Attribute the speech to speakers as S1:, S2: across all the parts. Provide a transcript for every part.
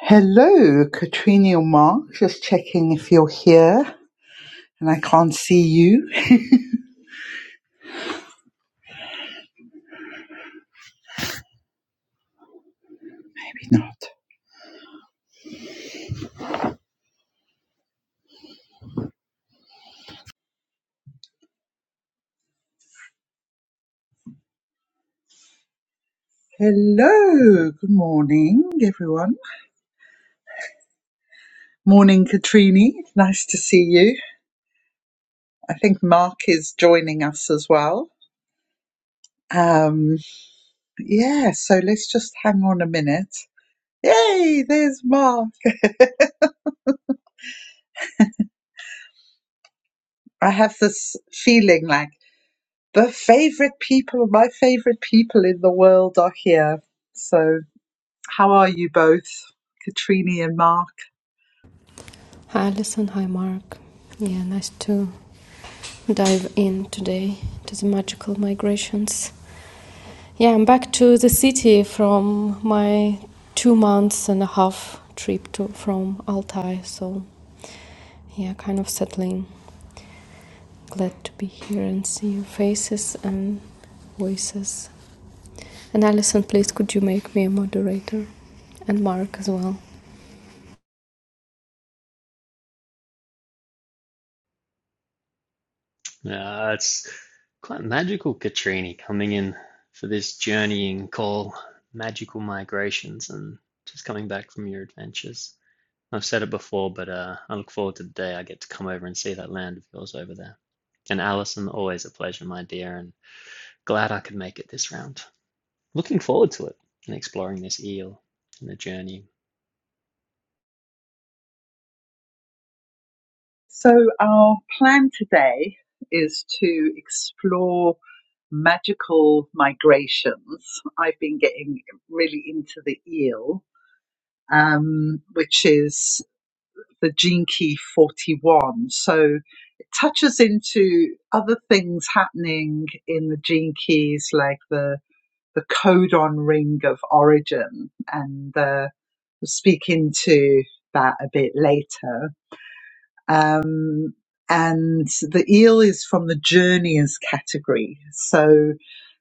S1: Hello, Katrina Mark. Just checking if you're here and I can't see you. Maybe not. Hello, good morning, everyone. Morning, Katrina. Nice to see you. I think Mark is joining us as well. Um, yeah, so let's just hang on a minute. Yay, there's Mark. I have this feeling like the favorite people, my favorite people in the world are here. So, how are you both, Katrina and Mark?
S2: Hi, Alison. Hi, Mark. Yeah, nice to dive in today to the magical migrations. Yeah, I'm back to the city from my two months and a half trip to from Altai. So, yeah, kind of settling. Glad to be here and see your faces and voices. And Alison, please, could you make me a moderator? And Mark as well.
S3: Uh, it's quite magical, Katrini, coming in for this journeying call, magical migrations, and just coming back from your adventures. I've said it before, but uh, I look forward to the day I get to come over and see that land of yours over there. And Alison, always a pleasure, my dear, and glad I could make it this round. Looking forward to it and exploring this eel and the journey.
S1: So, our plan today is to explore magical migrations. I've been getting really into the eel, um, which is the Gene Key 41. So, it touches into other things happening in the gene keys, like the, the codon ring of origin, and uh, we'll speak into that a bit later um, and the eel is from the journeyers category. So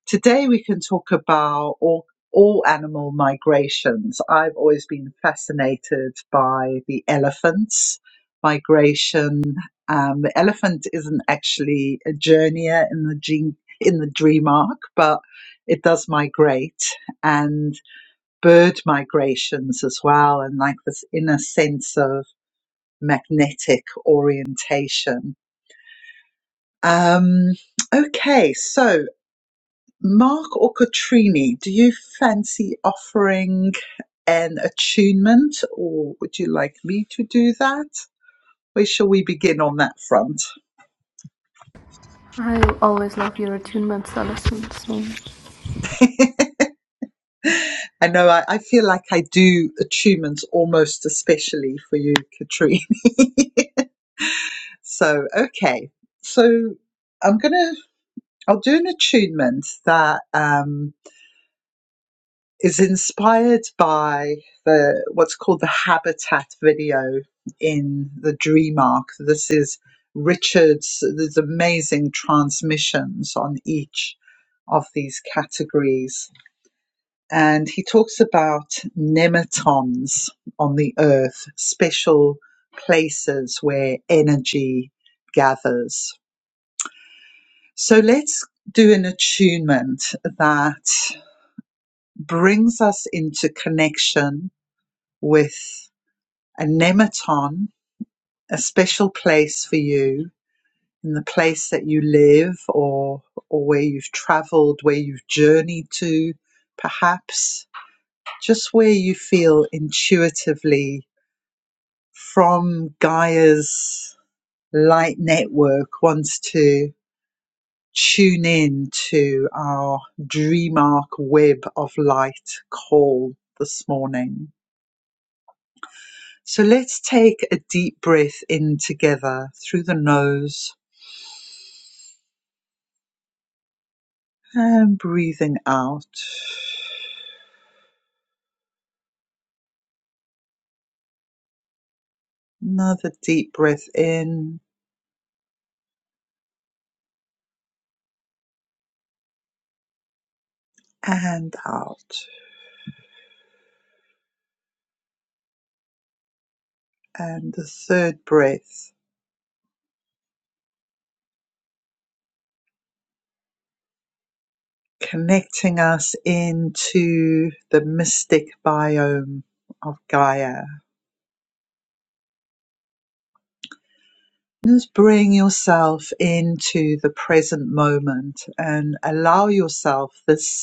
S1: today we can talk about all, all animal migrations. I've always been fascinated by the elephant's migration. Um, the elephant isn't actually a journeyer in the gene, in the dream arc, but it does migrate and bird migrations as well. And like this inner sense of magnetic orientation. Um, okay, so Mark or Katrini, do you fancy offering an attunement or would you like me to do that? Where shall we begin on that front?
S2: I always love your attunements, Alison. So,
S1: I know I, I feel like I do attunements almost especially for you, Katrini. so, okay. So I'm going to, I'll do an attunement that um, is inspired by the what's called the habitat video in the dream arc this is richard's there's amazing transmissions on each of these categories and he talks about nematons on the earth special places where energy gathers so let's do an attunement that brings us into connection with a nematon, a special place for you in the place that you live or or where you've traveled, where you've journeyed to, perhaps just where you feel intuitively from Gaia's light network wants to tune in to our dreamark web of light call this morning So let's take a deep breath in together through the nose and breathing out. Another deep breath in and out. And the third breath connecting us into the mystic biome of Gaia. Just bring yourself into the present moment and allow yourself this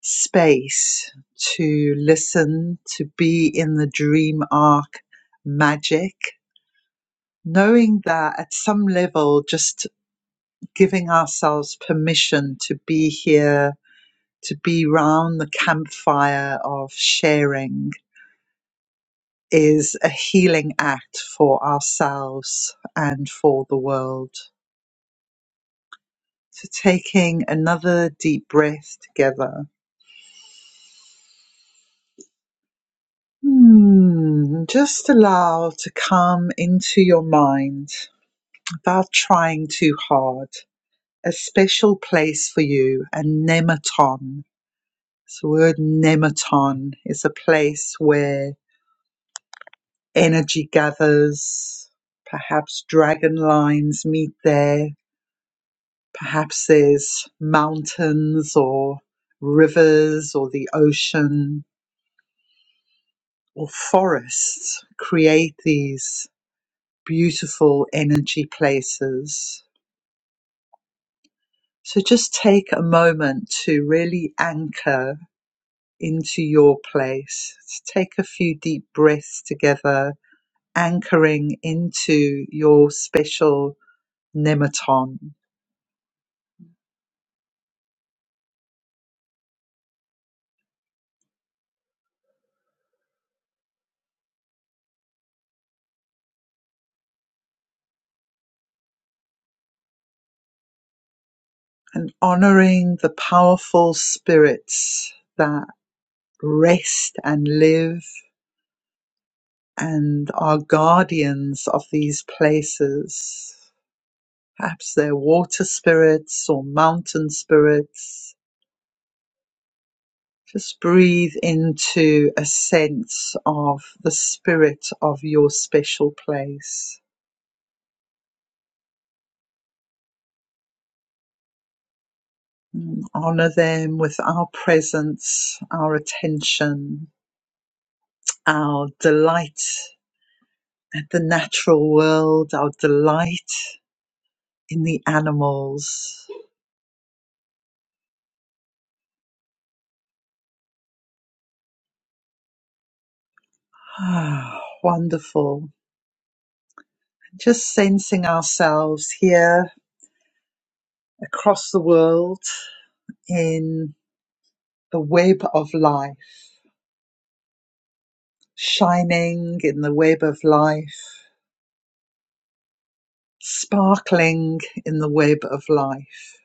S1: space to listen, to be in the dream arc magic, knowing that at some level, just giving ourselves permission to be here, to be round the campfire of sharing is a healing act for ourselves and for the world. So taking another deep breath together. Hmm, just allow to come into your mind without trying too hard. A special place for you, a nematon. So the word nematon is a place where energy gathers, perhaps dragon lines meet there, perhaps there's mountains or rivers or the ocean or forests create these beautiful energy places. So just take a moment to really anchor into your place. Take a few deep breaths together, anchoring into your special nematon. and honoring the powerful spirits that rest and live and are guardians of these places. Perhaps they're water spirits or mountain spirits. Just breathe into a sense of the spirit of your special place. Mm, Honor them with our presence, our attention, our delight at the natural world, our delight in the animals. Ah, wonderful. just sensing ourselves here across the world in the web of life, shining in the web of life, sparkling in the web of life,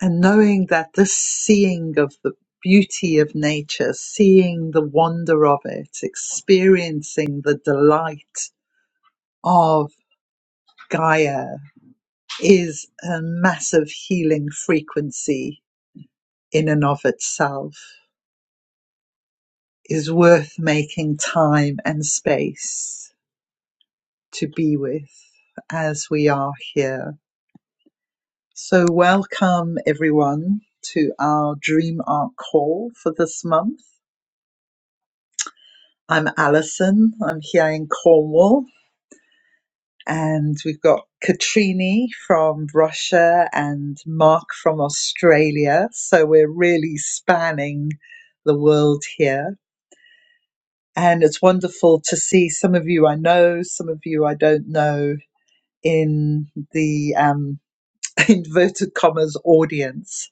S1: and knowing that this seeing of the beauty of nature, seeing the wonder of it, experiencing the delight of Gaia is a massive healing frequency in and of itself is worth making time and space to be with as we are here. So, welcome everyone to our Dream Art Call for this month. I'm Alison, I'm here in Cornwall, and we've got Katrini from Russia and Mark from Australia. So, we're really spanning the world here. And it's wonderful to see some of you I know, some of you I don't know, in the um, inverted commas audience.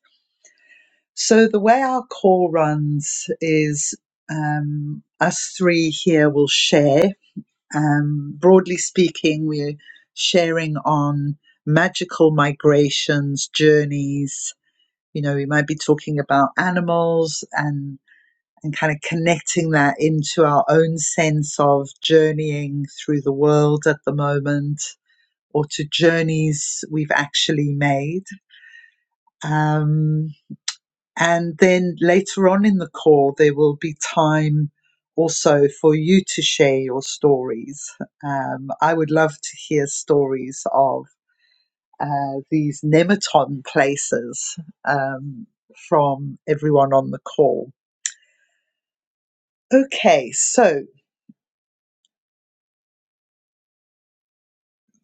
S1: So the way our call runs is um, us three here will share. Um, broadly speaking, we're sharing on magical migrations, journeys. You know, we might be talking about animals and and kind of connecting that into our own sense of journeying through the world at the moment or to journeys we've actually made. Um, and then later on in the call, there will be time also for you to share your stories. Um, I would love to hear stories of uh, these nematon places um, from everyone on the call. Okay, so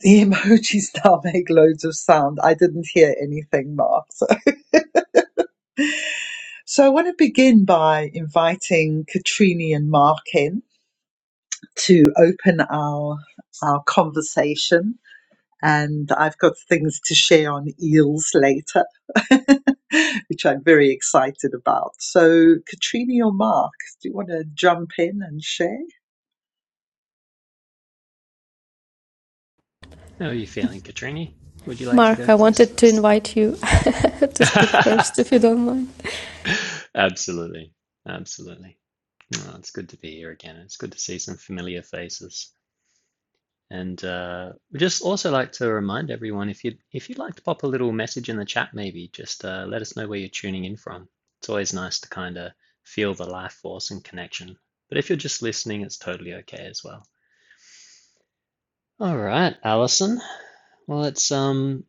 S1: the emojis now make loads of sound. I didn't hear anything, Mark. So So I want to begin by inviting Katrini and Mark in to open our our conversation. And I've got things to share on eels later, which I'm very excited about. So, Katrini or Mark, do you want to jump in and share?
S3: How are you feeling, Katrini? Would you like to
S2: Mark,
S3: go
S2: I
S3: first?
S2: wanted to invite you I have to speak first if you don't mind.
S3: Absolutely. Absolutely. Oh, it's good to be here again. It's good to see some familiar faces. And uh, we just also like to remind everyone if you if you'd like to pop a little message in the chat, maybe just uh, let us know where you're tuning in from. It's always nice to kind of feel the life force and connection. But if you're just listening, it's totally okay as well. All right, Allison. Well, it's um,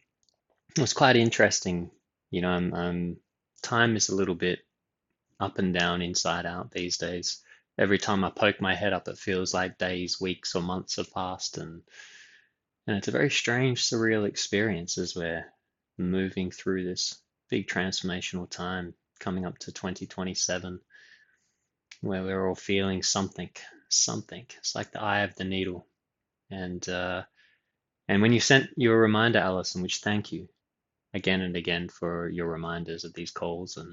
S3: it's quite interesting. You know, I'm, I'm time is a little bit up and down, inside out these days. Every time I poke my head up, it feels like days, weeks, or months have passed, and, and it's a very strange, surreal experience as we're moving through this big transformational time coming up to 2027, where we're all feeling something, something. It's like the eye of the needle. And uh, and when you sent your reminder, Alison, which thank you again and again for your reminders of these calls and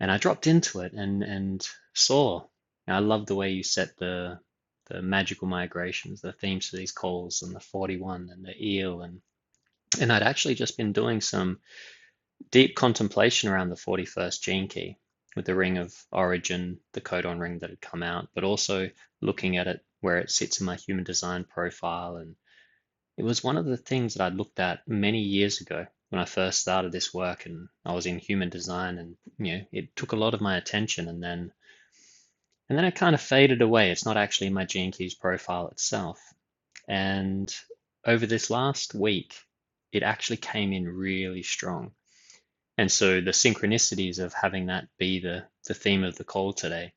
S3: and I dropped into it and and saw. And I love the way you set the the magical migrations, the themes for these calls, and the 41 and the eel, and and I'd actually just been doing some deep contemplation around the 41st gene key with the ring of origin, the codon ring that had come out, but also looking at it where it sits in my human design profile. And it was one of the things that I'd looked at many years ago when I first started this work and I was in human design and you know it took a lot of my attention and then and then it kind of faded away. It's not actually in my Gene Keys profile itself. And over this last week, it actually came in really strong. And so the synchronicities of having that be the the theme of the call today,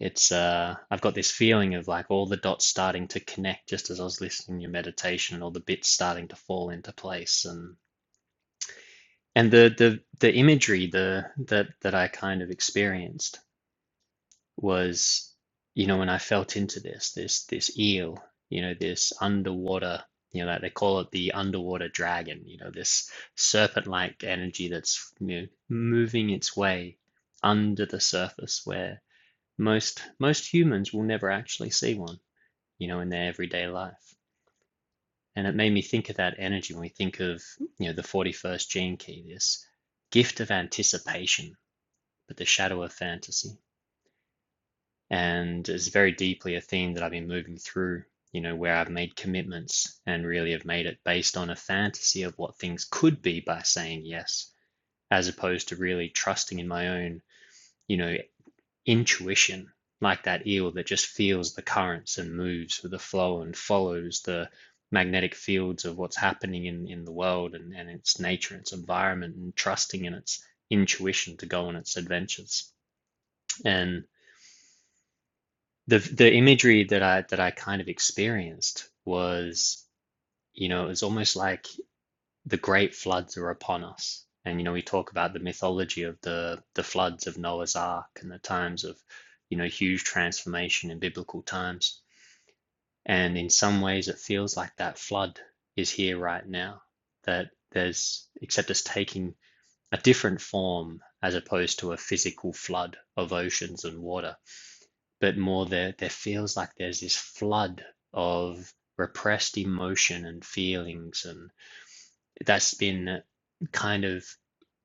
S3: it's uh I've got this feeling of like all the dots starting to connect just as I was listening to your meditation and all the bits starting to fall into place and and the the the imagery the that that I kind of experienced was, you know, when I felt into this, this, this eel, you know, this underwater, you know, like they call it the underwater dragon, you know, this serpent-like energy that's, you know, moving its way under the surface where most most humans will never actually see one, you know, in their everyday life. And it made me think of that energy when we think of, you know, the 41st gene key, this gift of anticipation, but the shadow of fantasy. and is very deeply a theme that I've been moving through, you know, where I've made commitments and really have made it based on a fantasy of what things could be by saying yes, as opposed to really trusting in my own, you know, intuition, like that eel that just feels the currents and moves with the flow and follows the magnetic fields of what's happening in, in the world and, and its nature, its environment, and trusting in its intuition to go on its adventures. And the the imagery that I that I kind of experienced was, you know, it was almost like the great floods are upon us. And you know, we talk about the mythology of the the floods of Noah's Ark and the times of, you know, huge transformation in biblical times. And in some ways it feels like that flood is here right now. That there's except it's taking a different form as opposed to a physical flood of oceans and water but more there there feels like there's this flood of repressed emotion and feelings and that's been kind of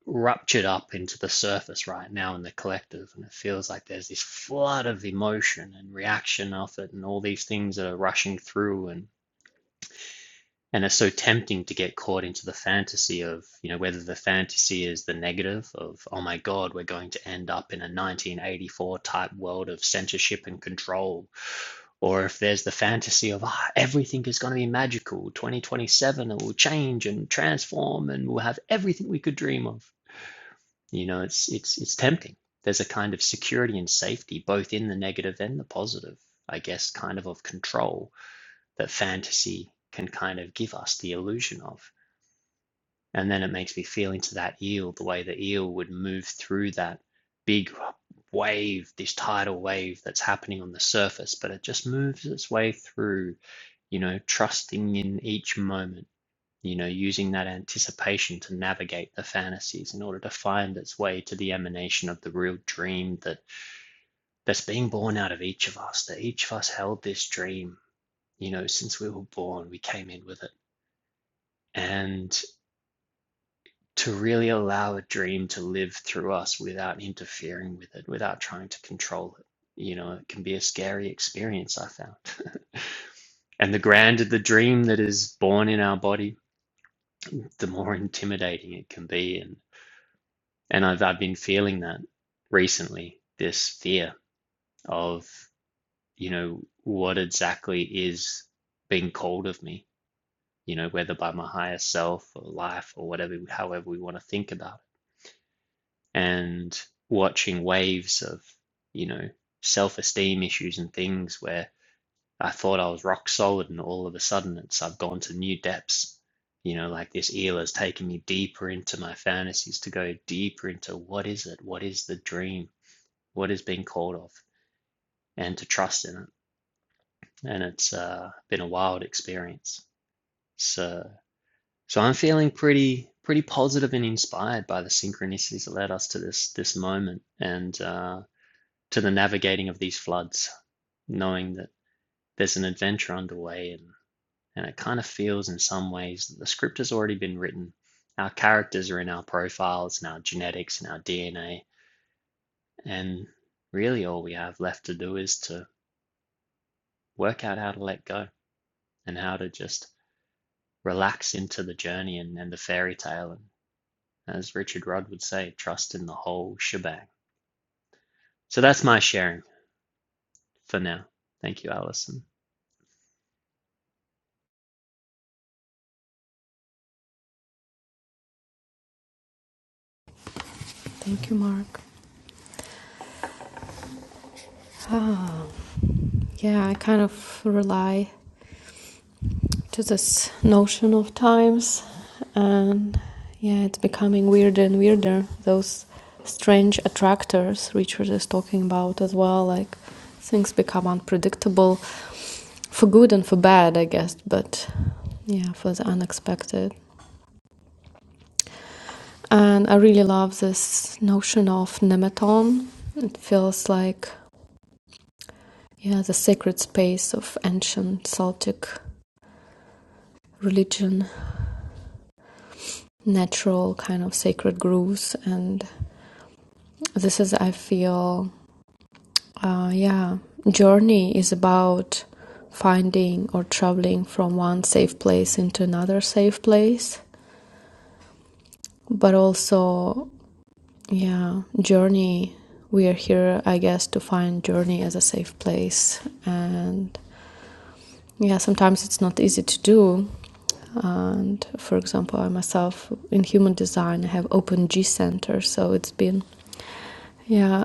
S3: ruptured up into the surface right now in the collective and it feels like there's this flood of emotion and reaction of it and all these things that are rushing through and and it's so tempting to get caught into the fantasy of you know whether the fantasy is the negative of oh my god we're going to end up in a 1984 type world of censorship and control or if there's the fantasy of ah, everything is going to be magical 2027 it will change and transform and we'll have everything we could dream of you know it's it's it's tempting there's a kind of security and safety both in the negative and the positive i guess kind of of control that fantasy can kind of give us the illusion of and then it makes me feel into that eel, the way the eel would move through that big wave, this tidal wave that's happening on the surface, but it just moves its way through, you know, trusting in each moment, you know, using that anticipation to navigate the fantasies in order to find its way to the emanation of the real dream that that's being born out of each of us, that each of us held this dream, you know, since we were born, we came in with it. And to really allow a dream to live through us without interfering with it, without trying to control it. You know, it can be a scary experience, I found. and the grander the dream that is born in our body, the more intimidating it can be. And, and I've, I've been feeling that recently this fear of, you know, what exactly is being called of me, you know, whether by my higher self or life or whatever, however we want to think about it and watching waves of, you know, self esteem issues and things where I thought I was rock solid and all of a sudden it's I've gone to new depths. You know, like this eel has taken me deeper into my fantasies to go deeper into what is it? What is the dream? What is being called of? And to trust in it. And it's uh, been a wild experience. So so I'm feeling pretty pretty positive and inspired by the synchronicities that led us to this this moment. And uh to the navigating of these floods, knowing that there's an adventure underway and, and it kind of feels in some ways that the script has already been written. Our characters are in our profiles and our genetics and our DNA. And really all we have left to do is to work out how to let go and how to just relax into the journey and, and the fairy tale. And as Richard Rudd would say, trust in the whole shebang. So that's my sharing for now. Thank you, Alison.
S2: Thank you, Mark. Ah, yeah, I kind of rely to this notion of times, and yeah, it's becoming weirder and weirder. Those strange attractors Richard is talking about as well, like things become unpredictable for good and for bad, I guess, but yeah, for the unexpected. And I really love this notion of nemeton. It feels like Yeah, the sacred space of ancient Celtic religion, natural kind of sacred grooves. And this is, I feel, uh, yeah, journey is about finding or traveling from one safe place into another safe place. But also, yeah, journey, we are here, I guess, to find journey as a safe place. And yeah, sometimes it's not easy to do And for example, I myself in human design I have open G center, so it's been yeah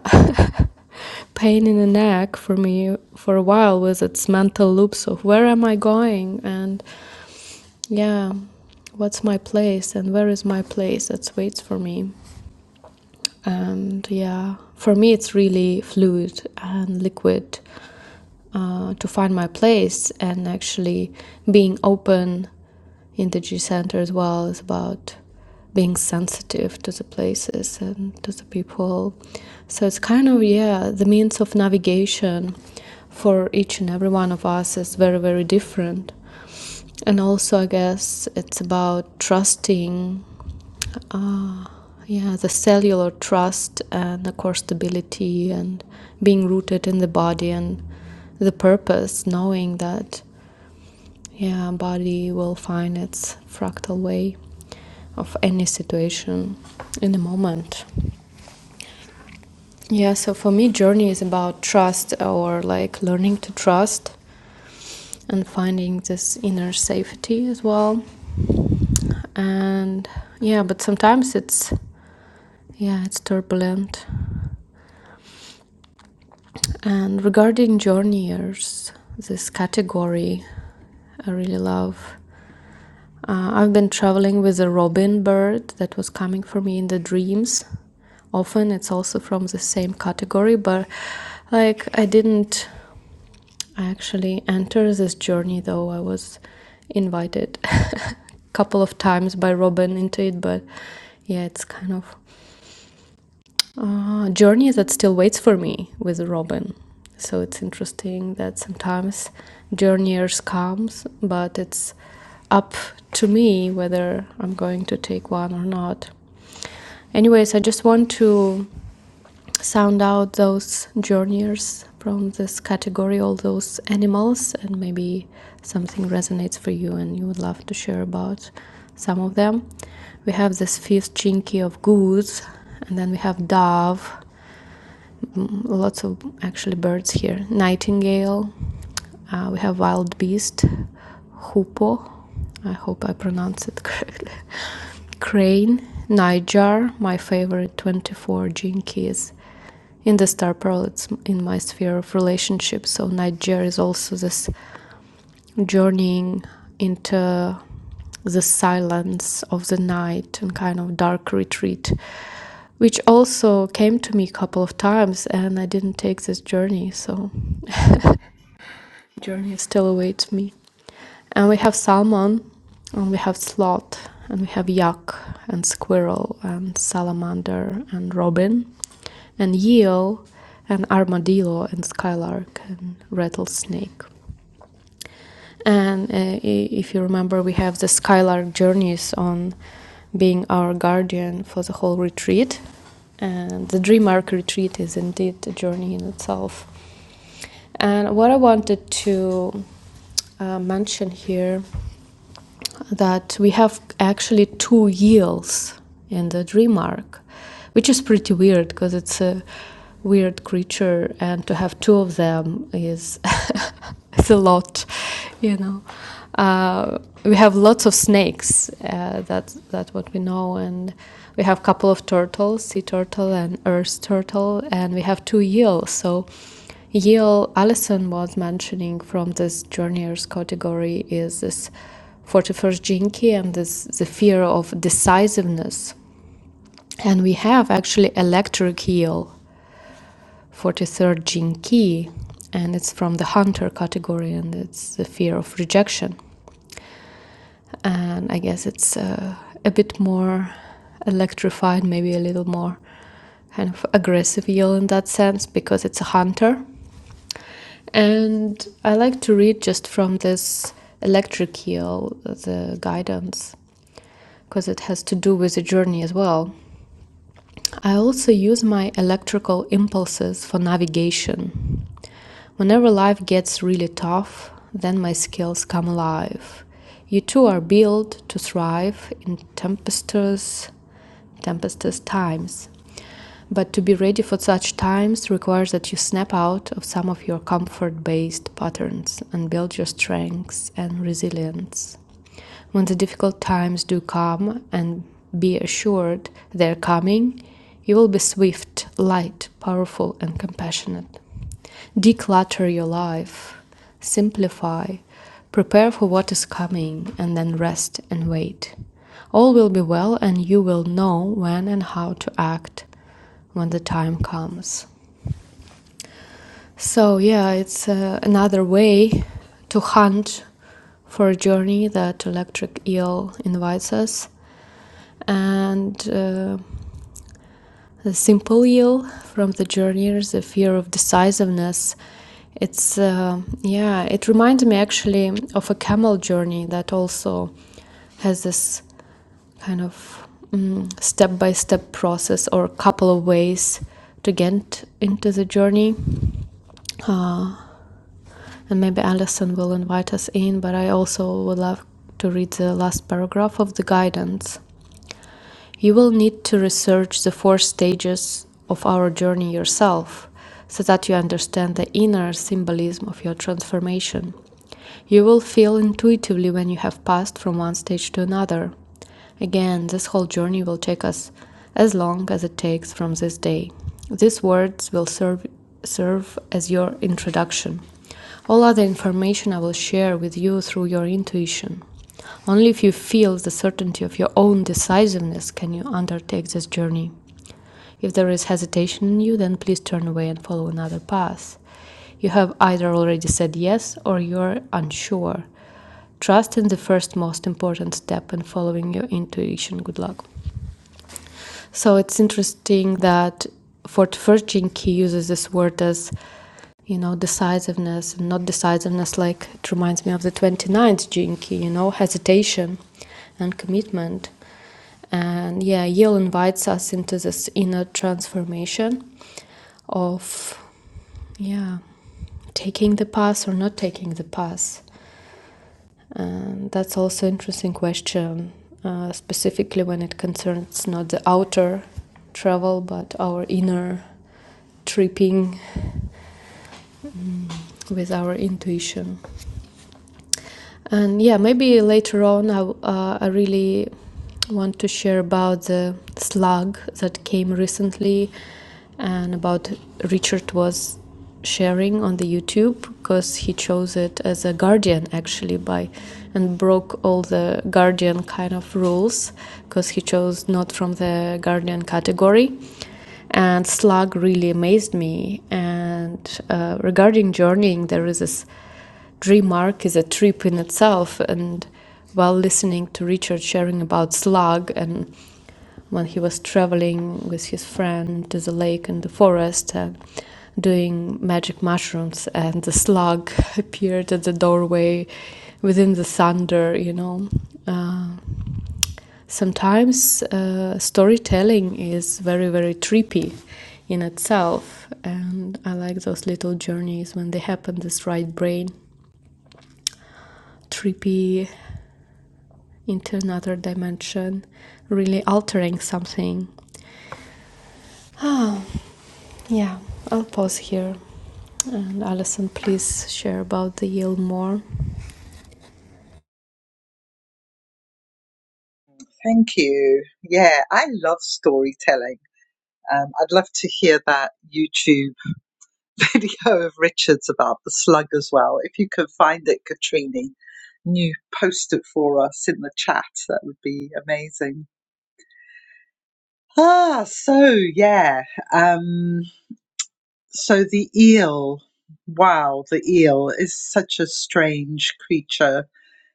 S2: pain in the neck for me for a while with its mental loops of where am I going and yeah what's my place and where is my place that waits for me and yeah for me it's really fluid and liquid uh, to find my place and actually being open in the G Center as well is about being sensitive to the places and to the people. So it's kind of, yeah, the means of navigation for each and every one of us is very, very different. And also, I guess it's about trusting yeah the cellular trust and the core stability and being rooted in the body and the purpose knowing that yeah body will find its fractal way of any situation in the moment yeah so for me journey is about trust or like learning to trust and finding this inner safety as well and yeah but sometimes it's yeah it's turbulent And regarding journeyers, this category I really love. Uh, I've been traveling with a robin bird that was coming for me in the dreams. Often it's also from the same category, but like I didn't actually enter this journey though. I was invited a couple of times by robin into it, but yeah, it's kind of uh, journey that still waits for me with Robin. So it's interesting that sometimes journeyers comes, but it's up to me whether I'm going to take one or not. Anyways, I just want to sound out those journeyers from this category, all those animals, and maybe something resonates for you and you would love to share about some of them. We have this fifth chinky of goose, and then we have dove, lots of actually birds here. Nightingale. Uh, we have wild beast, hoopoe. I hope I pronounce it correctly. Crane, Niger, my favorite 24 jinkies. In the star pearl, it's in my sphere of relationships. So Niger is also this journeying into the silence of the night and kind of dark retreat which also came to me a couple of times and i didn't take this journey so journey still awaits me and we have salmon and we have sloth and we have yak and squirrel and salamander and robin and eel and armadillo and skylark and rattlesnake And uh, if you remember, we have the Skylark Journeys on being our guardian for the whole retreat. And the Dream Arc retreat is indeed a journey in itself. And what I wanted to uh, mention here that we have actually two yields in the Dream Arc, which is pretty weird because it's a weird creature, and to have two of them is it's a lot, you know. Uh, we have lots of snakes. Uh, that's that's what we know, and we have a couple of turtles, sea turtle and earth turtle, and we have two eels. So, eel Alison was mentioning from this journeyers category is this 41st Jinki and this the fear of decisiveness. And we have actually electric eel 43rd gene key and it's from the hunter category and it's the fear of rejection and i guess it's uh, a bit more electrified maybe a little more kind of aggressive yell in that sense because it's a hunter and i like to read just from this electric yell the guidance because it has to do with the journey as well i also use my electrical impulses for navigation Whenever life gets really tough, then my skills come alive. You too are built to thrive in tempestuous, tempestuous times. But to be ready for such times requires that you snap out of some of your comfort based patterns and build your strengths and resilience. When the difficult times do come, and be assured they're coming, you will be swift, light, powerful, and compassionate. Declutter your life, simplify, prepare for what is coming, and then rest and wait. All will be well, and you will know when and how to act when the time comes. So, yeah, it's uh, another way to hunt for a journey that Electric Eel invites us. And uh, The simple yield from the journeyers, the fear of decisiveness. It's, uh, yeah, it reminds me actually of a camel journey that also has this kind of step by step process or a couple of ways to get into the journey. And maybe Alison will invite us in, but I also would love to read the last paragraph of the guidance. You will need to research the four stages of our journey yourself so that you understand the inner symbolism of your transformation. You will feel intuitively when you have passed from one stage to another. Again, this whole journey will take us as long as it takes from this day. These words will serve, serve as your introduction. All other information I will share with you through your intuition. Only if you feel the certainty of your own decisiveness can you undertake this journey. If there is hesitation in you, then please turn away and follow another path. You have either already said yes or you are unsure. Trust in the first most important step and following your intuition. Good luck. So it's interesting that for Tvershinki he uses this word as, you know, decisiveness and not decisiveness. Like it reminds me of the twenty ninth Jinki, you know, hesitation and commitment. And yeah, Yale invites us into this inner transformation of, yeah, taking the pass or not taking the pass. And that's also an interesting question, uh, specifically when it concerns not the outer travel but our inner tripping with our intuition and yeah maybe later on I, uh, I really want to share about the slug that came recently and about Richard was sharing on the YouTube because he chose it as a guardian actually by and broke all the guardian kind of rules because he chose not from the guardian category and slug really amazed me and uh, regarding journeying there is this Dream Arc is a trip in itself. And while listening to Richard sharing about Slug and when he was traveling with his friend to the lake and the forest and doing magic mushrooms and the slug appeared at the doorway within the thunder you know uh, sometimes uh, storytelling is very very trippy in itself and i like those little journeys when they happen this right brain trippy into another dimension, really altering something. Oh, yeah, I'll pause here. And Alison, please share about the Yale more.
S1: Thank you. Yeah, I love storytelling. Um, I'd love to hear that YouTube video of Richard's about the slug as well. If you can find it, Katrini, and you post it for us in the chat, that would be amazing. Ah, so yeah. Um, so the eel. Wow, the eel is such a strange creature.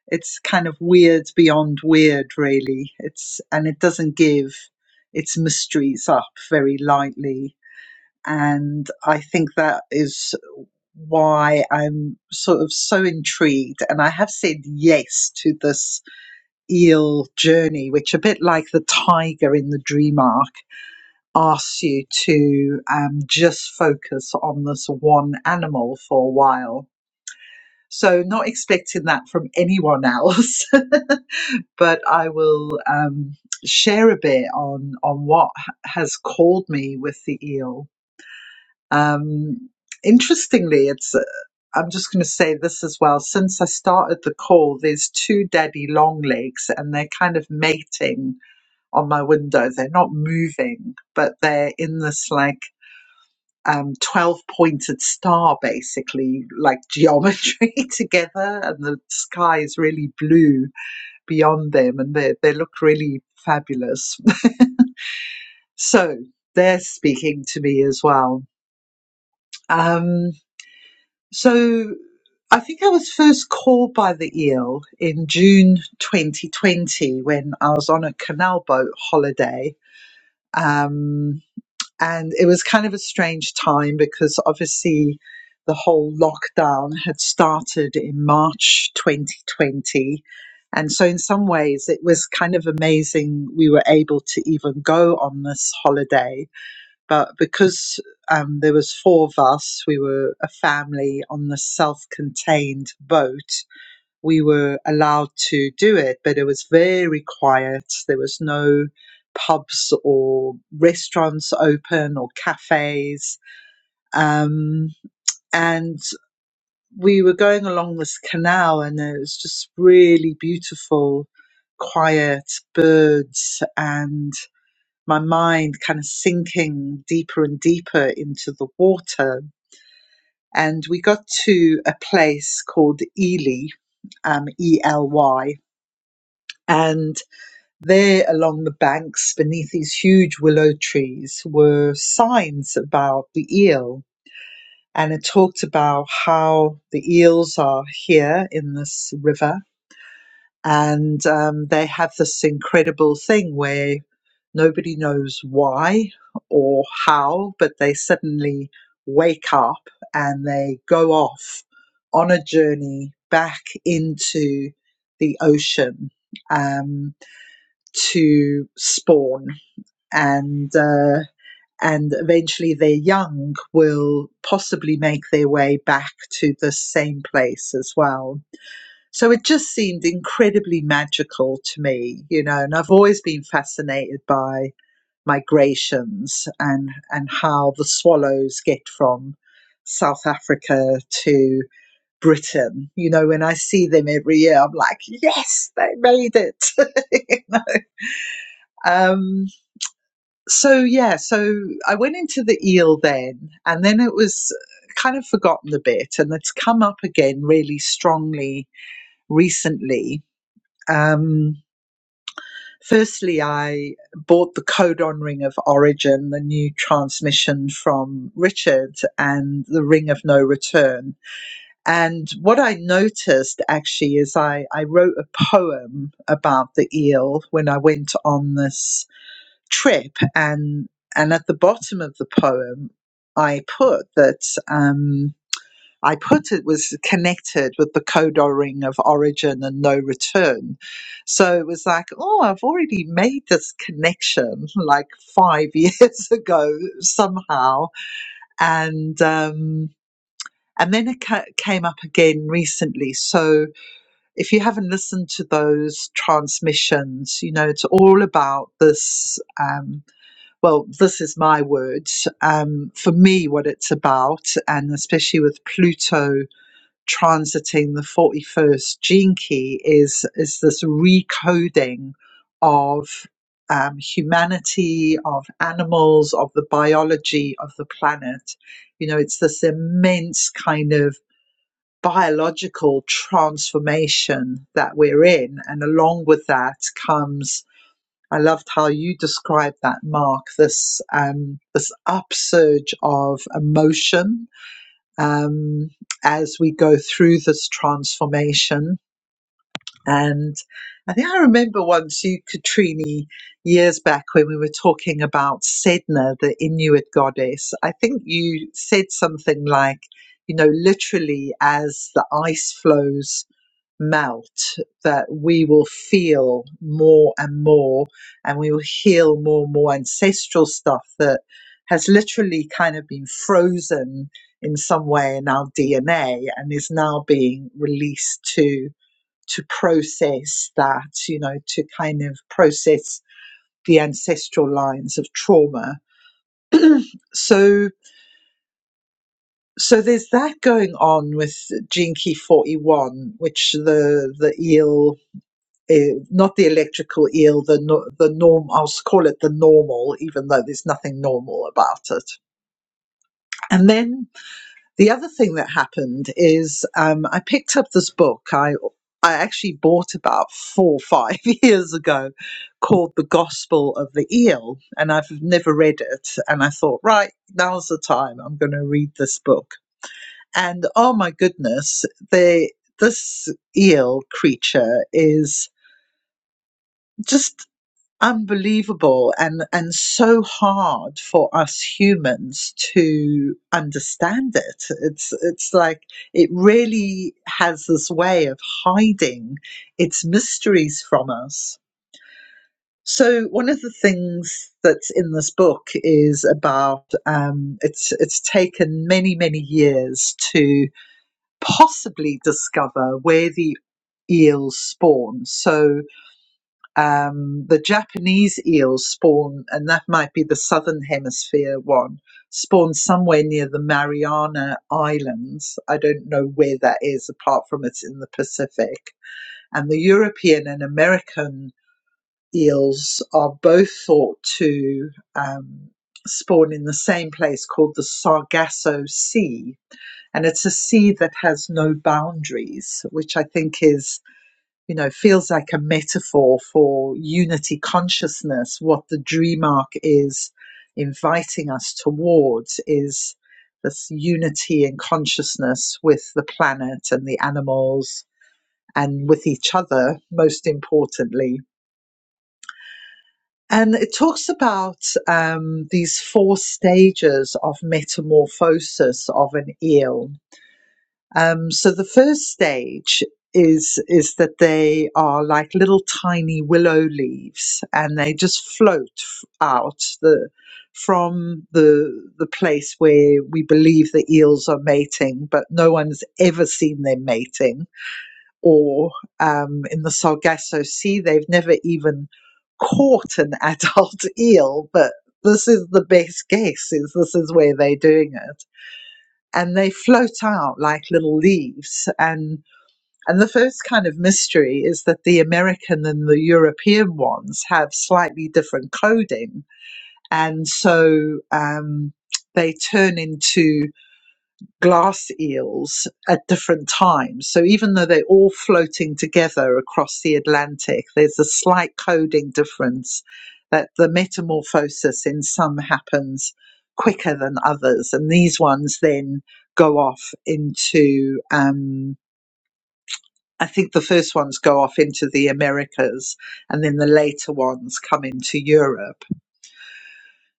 S1: It's kind of weird beyond weird, really. It's and it doesn't give its mysteries up very lightly. And I think that is why I'm sort of so intrigued. And I have said yes to this eel journey, which a bit like the tiger in the dream arc asks you to um, just focus on this one animal for a while. So not expecting that from anyone else, but I will um, share a bit on on what has called me with the eel. Um, interestingly, it's I'm just going to say this as well. Since I started the call, there's two daddy long legs and they're kind of mating on my window. They're not moving, but they're in this like um, 12 pointed star, basically, like geometry together. And the sky is really blue beyond them and they, they look really fabulous. So they're speaking to me as well. Um, So I think I was first called by the eel in June 2020 when I was on a canal boat holiday. Um, and it was kind of a strange time because obviously the whole lockdown had started in March 2020. And so, in some ways, it was kind of amazing we were able to even go on this holiday but because um, there was four of us, we were a family on the self-contained boat. We were allowed to do it, but it was very quiet. There was no pubs or restaurants open or cafes. Um, and we were going along this canal, and it was just really beautiful, quiet birds and my mind kind of sinking deeper and deeper into the water. And we got to a place called Ely, um, E L Y. And there along the banks beneath these huge willow trees were signs about the eel. And it talked about how the eels are here in this river and um, they have this incredible thing where nobody knows why or how, but they suddenly wake up and they go off on a journey back into the ocean um, to spawn and. Uh, and eventually their young will possibly make their way back to the same place as well so it just seemed incredibly magical to me, you know, and I've always been fascinated by migrations and, and how the swallows get from South Africa to Britain. You know, when I see them every year, I'm like, yes, they made it. you know? um, so, yeah, so I went into the eel then, and then it was kind of forgotten a bit, and it's come up again really strongly recently. Um, Firstly, I bought the codon ring of origin, the new transmission from Richard, and the ring of no return. And what I noticed actually is I, I wrote a poem about the eel when I went on this trip, and and at the bottom of the poem, I put that. Um, I put it was connected with the codor ring of origin and no return. So it was like, oh, I've already made this connection like five years ago somehow, and um, and then it ca- came up again recently. So if you haven't listened to those transmissions, you know it's all about this. Um, well, this is my words. Um, for me, what it's about, and especially with Pluto transiting the 41st gene key is is this recoding of um, humanity, of animals, of the biology of the planet. You know, it's this immense kind of biological transformation that we're in. And along with that comes, I loved how you described that, Mark, this, um, this upsurge of emotion um, as we go through this transformation. And I think I remember once you, Katrini, years back when we were talking about Sedna, the Inuit goddess. I think you said something like, you know, literally as the ice flows melt, that we will feel more and more, and we will heal more and more ancestral stuff that has literally kind of been frozen in some way in our DNA and is now being released to to process that, you know, to kind of process the ancestral lines of trauma. So so there's that going on with Jinky 41, which the the eel uh, not the electrical eel, the no, the norm. I'll call it the normal, even though there's nothing normal about it. And then the other thing that happened is um, I picked up this book. I I actually bought about four or five years ago, called The Gospel of the Eel, and I've never read it. And I thought, right, now's the time. I'm going to read this book. And oh my goodness, the this eel creature is just unbelievable and and so hard for us humans to understand it it's it's like it really has this way of hiding its mysteries from us so one of the things that's in this book is about um, it's it's taken many many years to possibly discover where the eels spawn so um, the Japanese eels spawn, and that might be the southern hemisphere one, spawn somewhere near the Mariana Islands. I don't know where that is, apart from it's in the Pacific. And the European and American eels are both thought to um, spawn in the same place called the Sargasso Sea. And it's a sea that has no boundaries, which I think is you know, feels like a metaphor for unity consciousness. What the dream arc is inviting us towards is this unity in consciousness with the planet and the animals and with each other, most importantly. And it talks about um, these four stages of metamorphosis of an eel. Um, so the first stage is is that they are like little tiny willow leaves, and they just float f- out the from the the place where we believe the eels are mating, but no one's ever seen them mating. Or um, in the Sargasso Sea, they've never even caught an adult eel, but this is the best guess is this is where they're doing it and they float out like little leaves and and the first kind of mystery is that the American and the European ones have slightly different coding and so um, they turn into glass eels at different times. So even though they're all floating together across the Atlantic, there's a slight coding difference that the metamorphosis in some happens quicker than others. And these ones then go off into, um, I think the first ones go off into the Americas and then the later ones come into Europe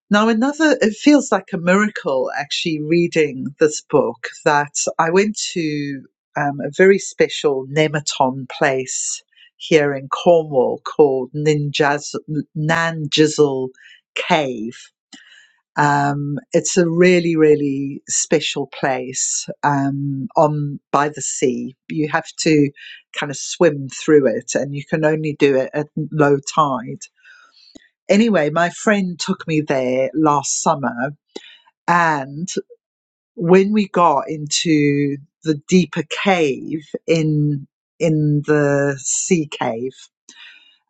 S1: now, another, it feels like a miracle actually reading this book that I went to um, a very special nematon place here in Cornwall called Ninjaz, Nanjizzle Cave. Um, it's a really, really special place um, on by the sea. You have to kind of swim through it, and you can only do it at low tide anyway, my friend took me there last summer and when we got into the deeper cave in in the sea cave,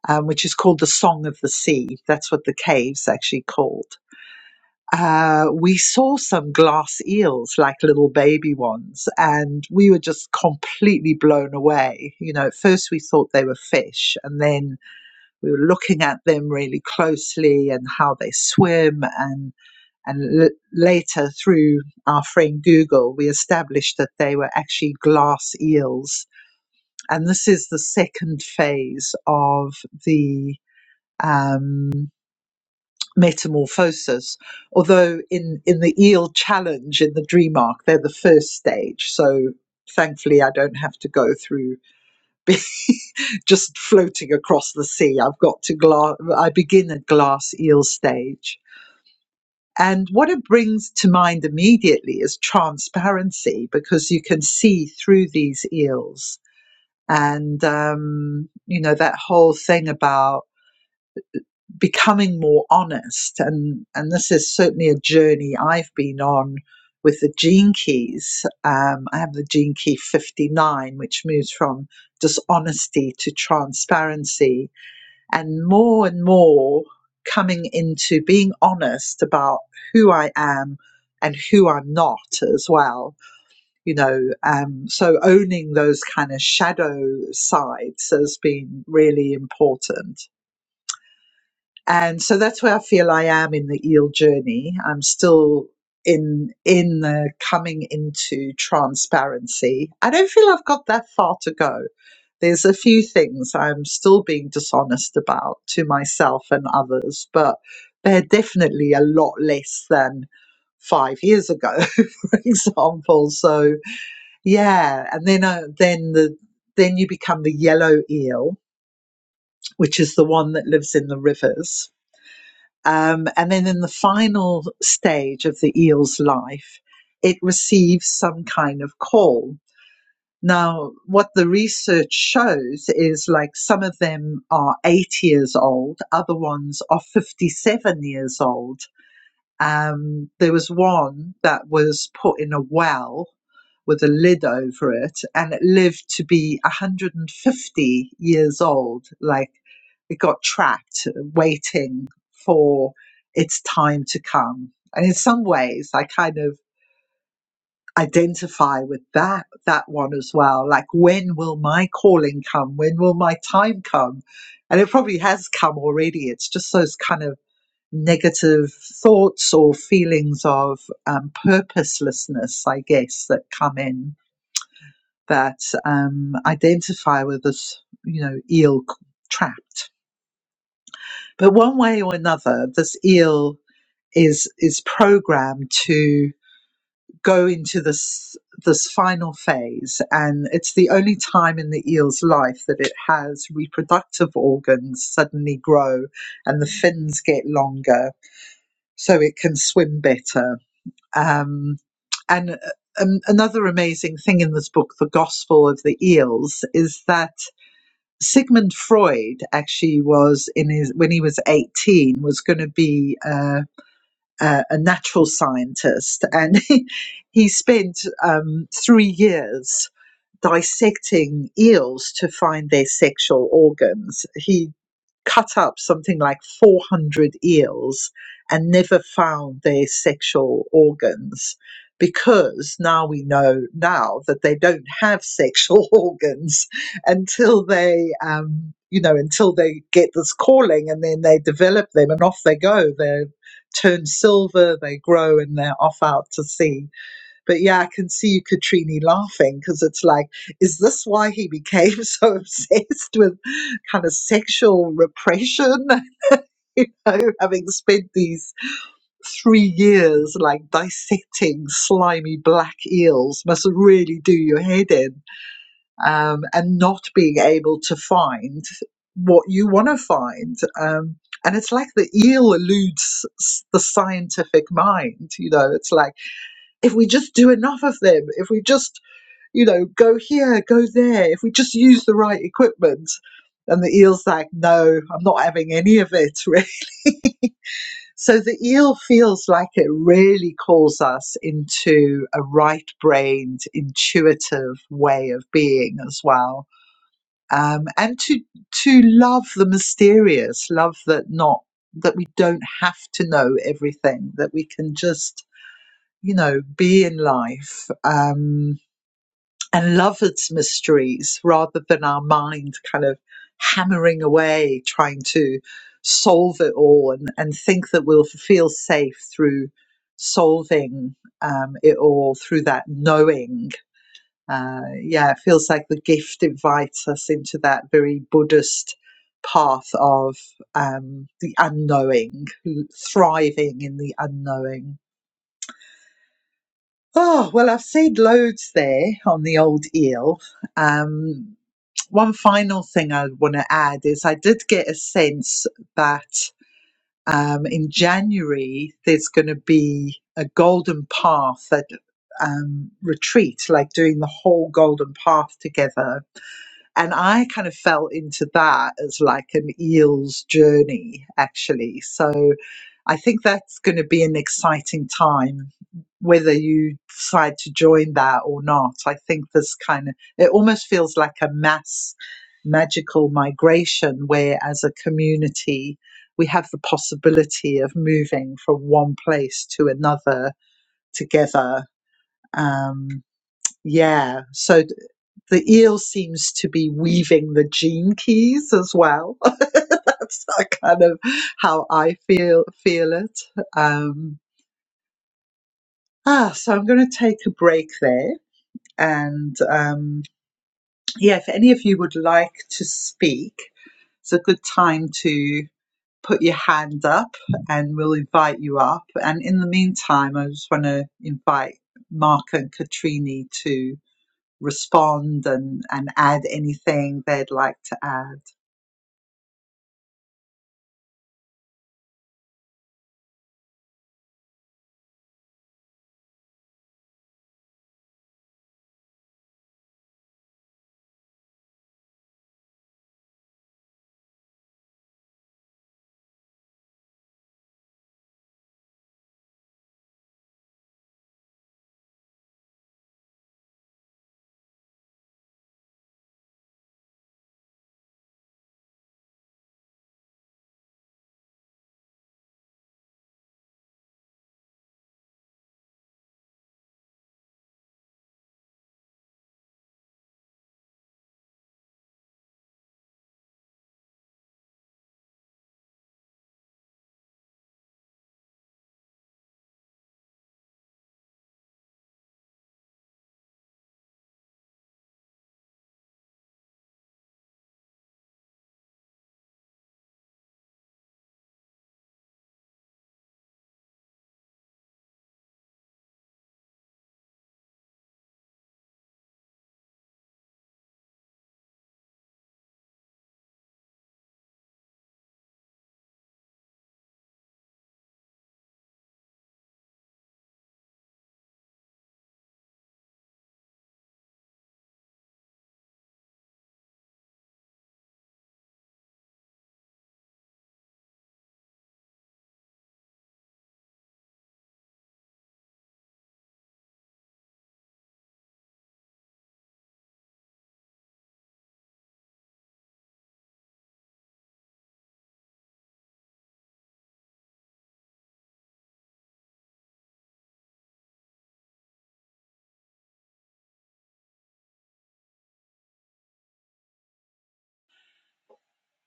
S1: um, which is called the Song of the Sea, that's what the cave's actually called. Uh, we saw some glass eels, like little baby ones, and we were just completely blown away. You know, at first we thought they were fish, and then we were looking at them really closely and how they swim and and l- later, through our friend Google, we established that they were actually glass eels. And this is the second phase of the um, metamorphosis. Although in, in the eel challenge in the dream arc, they're the first stage. So thankfully, I don't have to go through just floating across the sea. I've got to gla. I begin at glass eel stage And what it brings to mind immediately is transparency because you can see through these eels. And, um, you know, that whole thing about becoming more honest. And, and this is certainly a journey I've been on with the gene keys. Um, I have the gene key 59, which moves from dishonesty to transparency and more and more coming into being honest about who I am and who I'm not as well. You know, um, so owning those kind of shadow sides has been really important and so that's where I feel I am in the eel journey. I'm still in in the coming into transparency. I don't feel I've got that far to go. There's a few things I'm still being dishonest about to myself and others, but they're definitely a lot less than five years ago, for example. So yeah, and then uh, then the then you become the yellow eel, which is the one that lives in the rivers um, and then in the final stage of the eel's life, it receives some kind of call. Now, what the research shows is like some of them are eight years old, other ones are 57 years old. Um, there was one that was put in a well with a lid over it, and it lived to be 150 years old. Like it got trapped, waiting for its time to come. And in some ways, I kind of identify with that that one as well. Like, when will my calling come? When will my time come? And it probably has come already. It's just those kind of negative thoughts or feelings of um, purposelessness, I guess, that come in that um, identify with this, you know, eel trapped. But one way or another, this eel is is programmed to go into this this final phase, and it's the only time in the eel's life that it has reproductive organs suddenly grow, and the fins get longer, so it can swim better. Um, and um, another amazing thing in this book, The Gospel of the Eels, is that Sigmund Freud actually was in his when he was 18 was going to be uh, a, a natural scientist and he, he spent um, three years dissecting eels to find their sexual organs. He cut up something like 400 eels and never found their sexual organs because now we know now that they don't have sexual organs until they um, you know until they get this calling and then they develop them and off they go they turn silver they grow and they're off out to sea but yeah, I can see you, Katrini, laughing because it's like, is this why he became so obsessed with kind of sexual repression? You know, having spent these three years like dissecting slimy black eels must really do your head in. Um, and not being able to find what you want to find. Um, and it's like the eel eludes s- the scientific mind. You know, it's like, if we just do enough of them, if we just you know, go here, go there. If we just use the right equipment. And the eel's like, no, I'm not having any of it, really. So the eel feels like it really calls us into a right brained, intuitive way of being as well. Um, and to to love the mysterious, love that not that we don't have to know everything, that we can just, you know, be in life. Um, and love its mysteries rather than our mind kind of hammering away trying to solve it all and, and think that we'll feel safe through solving um, it all through that knowing. Uh, yeah, it feels like the gift invites us into that very Buddhist path of um, the unknowing, thriving in the unknowing. Oh, well, I've said loads there on the old eel. Um, one final thing I want to add is I did get a sense that um, in January there's going to be a golden path that um, retreat, like doing the whole golden path together and I kind of fell into that as like an eel's journey, actually. So I think that's going to be an exciting time, whether you decide to join that or not. I think this kind of, it almost feels like a mass magical migration where as a community, we have the possibility of moving from one place to another together. Um, yeah. So th- the eel seems to be weaving the gene keys as well. That's uh, kind of how I feel feel it. Um, ah, so I'm going to take a break there, and um, yeah, if any of you would like to speak, it's a good time to put your hand up, and we'll invite you up. And in the meantime, I just want to invite Mark and Katrini to. respond and, and add anything they'd like to add.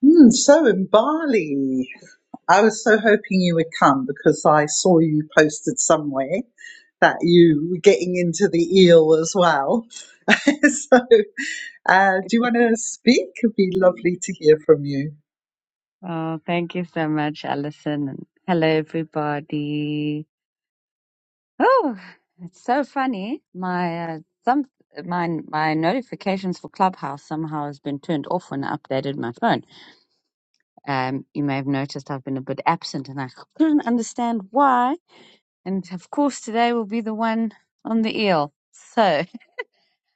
S1: Mm, so in Bali, I was so hoping you would come because I saw you posted somewhere that you were getting into the eel as well. so, uh, do you want to speak? It'd be lovely to hear from you.
S4: Oh, thank you so much, Alison. And hello, everybody. Oh, it's so funny. My uh, some my my notifications for Clubhouse somehow has been turned off when I updated my phone. Um, you may have noticed I've been a bit absent, and I couldn't understand why. And of course, today will be the one on the eel. So,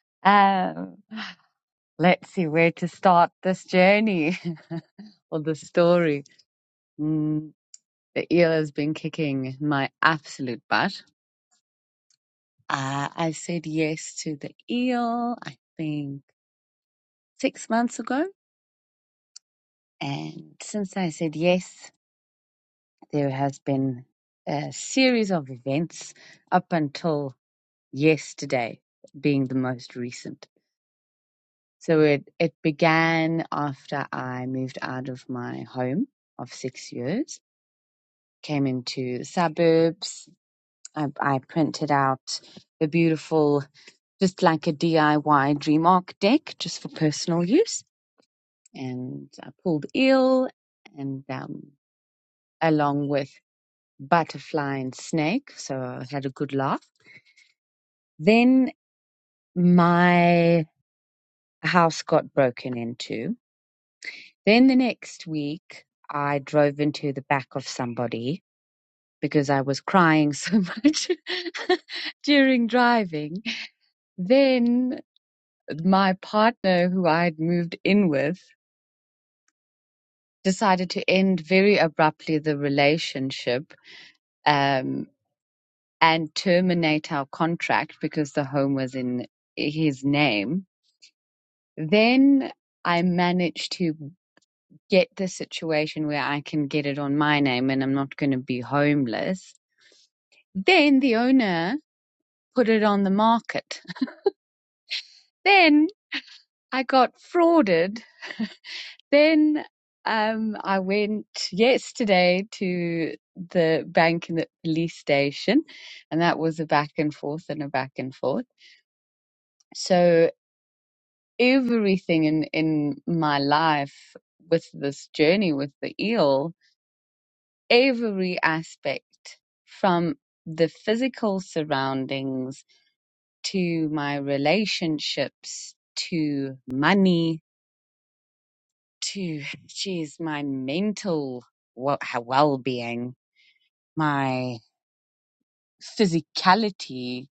S4: um, let's see where to start this journey or the story. Mm, The eel has been kicking my absolute butt. Uh, I said yes to the eel, I think six months ago. And since I said yes, there has been a series of events up until yesterday being the most recent. So it, it began after I moved out of my home of six years, came into the suburbs. I, I printed out the beautiful just like a DIY dream arc deck just for personal use. And I pulled eel and um, along with butterfly and snake. So I had a good laugh. Then my house got broken into. Then the next week, I drove into the back of somebody because I was crying so much during driving. Then my partner, who I had moved in with, decided to end very abruptly the relationship um, and terminate our contract because the home was in his name. Then I managed to get the situation where I can get it on my name and I'm not going to be homeless. Then the owner put it on the market. Then I got frauded Then um, I went yesterday to the bank and the police station, and that was a back and forth and a back and forth. So everything in in my life with this journey with the eel, every aspect from the physical surroundings to my relationships to money to geez my mental well being my physicality,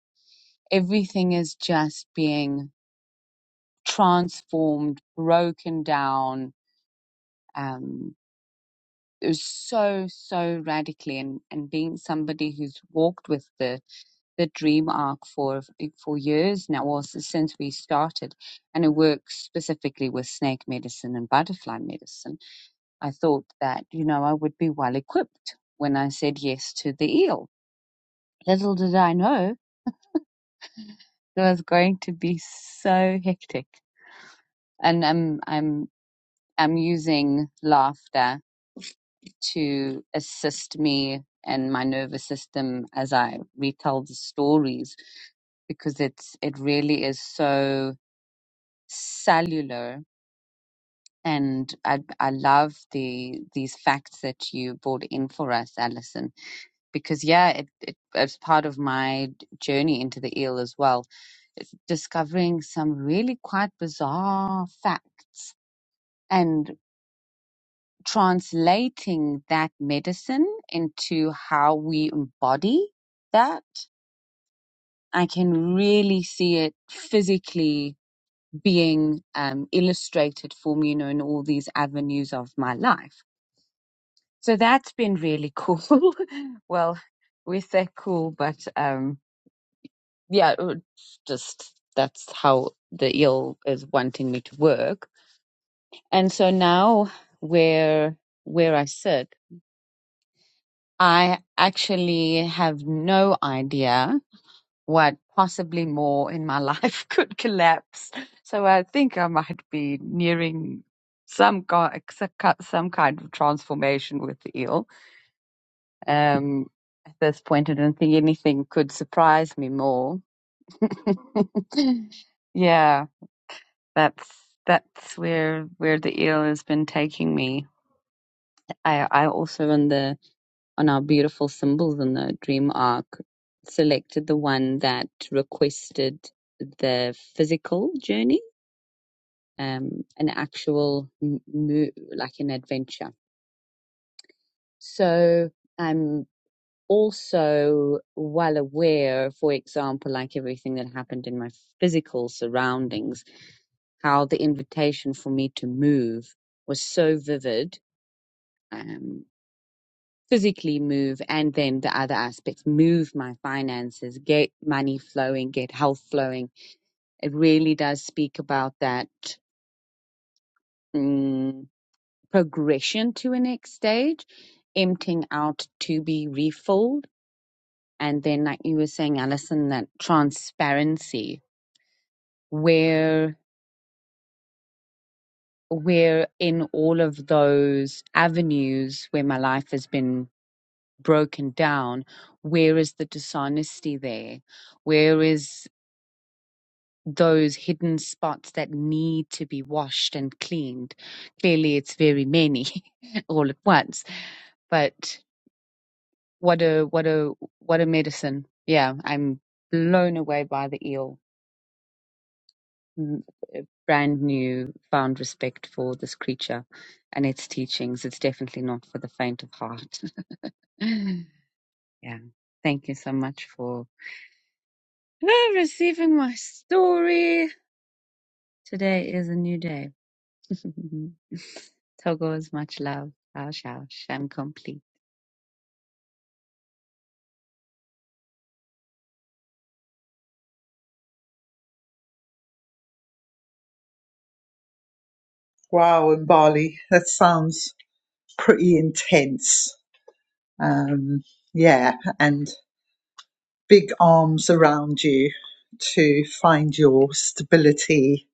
S4: everything is just being transformed, broken down. Um, it was so, so radically. And, and being somebody who's walked with the, the dream arc for, for years now, or since we started, and it works specifically with snake medicine and butterfly medicine, I thought that, you know, I would be well equipped when I said yes to the eel. Little did I know It was going to be so hectic. And I'm I'm I'm using laughter to assist me and my nervous system as I retell the stories because it's it really is so cellular and I I love the these facts that you brought in for us, Alison, because yeah, it, it it's part of my journey into the eel as well discovering some really quite bizarre facts and translating that medicine into how we embody that, I can really see it physically being um, illustrated for me, you know, in all these avenues of my life. So that's been really cool. well, we say cool, but um, yeah, it's just that's how the eel is wanting me to work. And so now where where I sit I actually have no idea what possibly more in my life could collapse. So I think I might be nearing some ki- some kind of transformation with the eel. Um, at this point, I don't think anything could surprise me more. yeah, that's that's where where the eel has been taking me. I I also in the on our beautiful symbols in the dream arc selected the one that requested the physical journey um an actual m- mo- like an adventure so i'm also well aware for example like everything that happened in my physical surroundings how the invitation for me to move was so vivid um. physically move and then the other aspects move my finances get money flowing get health flowing it really does speak about that mm, progression to a next stage emptying out to be refilled and then like you were saying alison that transparency where where in all of those avenues where my life has been broken down where is the dishonesty there where is those hidden spots that need to be washed and cleaned. Clearly, it's very many all at once. But what a what a what a medicine! Yeah, I'm blown away by the eel. Mm, a Brand new, found respect for this creature and its teachings. It's definitely not for the faint of heart. yeah, thank you so much for uh, receiving my story. Today is a new day. Togo is much love. Ouch, ouch. I'm complete.
S1: Wow, in Bali, that sounds pretty intense. Um, yeah, and big arms around you to find your stability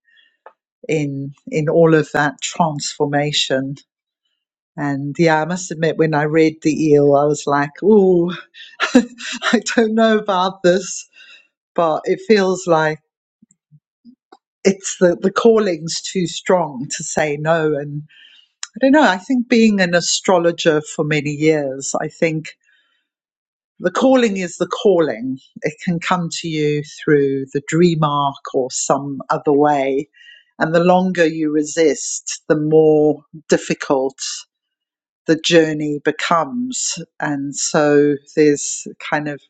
S1: in in all of that transformation. And yeah, I must admit, when I read the eel, I was like, "Oh, I don't know about this," but it feels like it's the the calling's too strong to say no. And I don't know. I think being an astrologer for many years, I think the calling is the calling. It can come to you through the dream arc or some other way. And the longer you resist, the more difficult the journey becomes. And so there's kind of,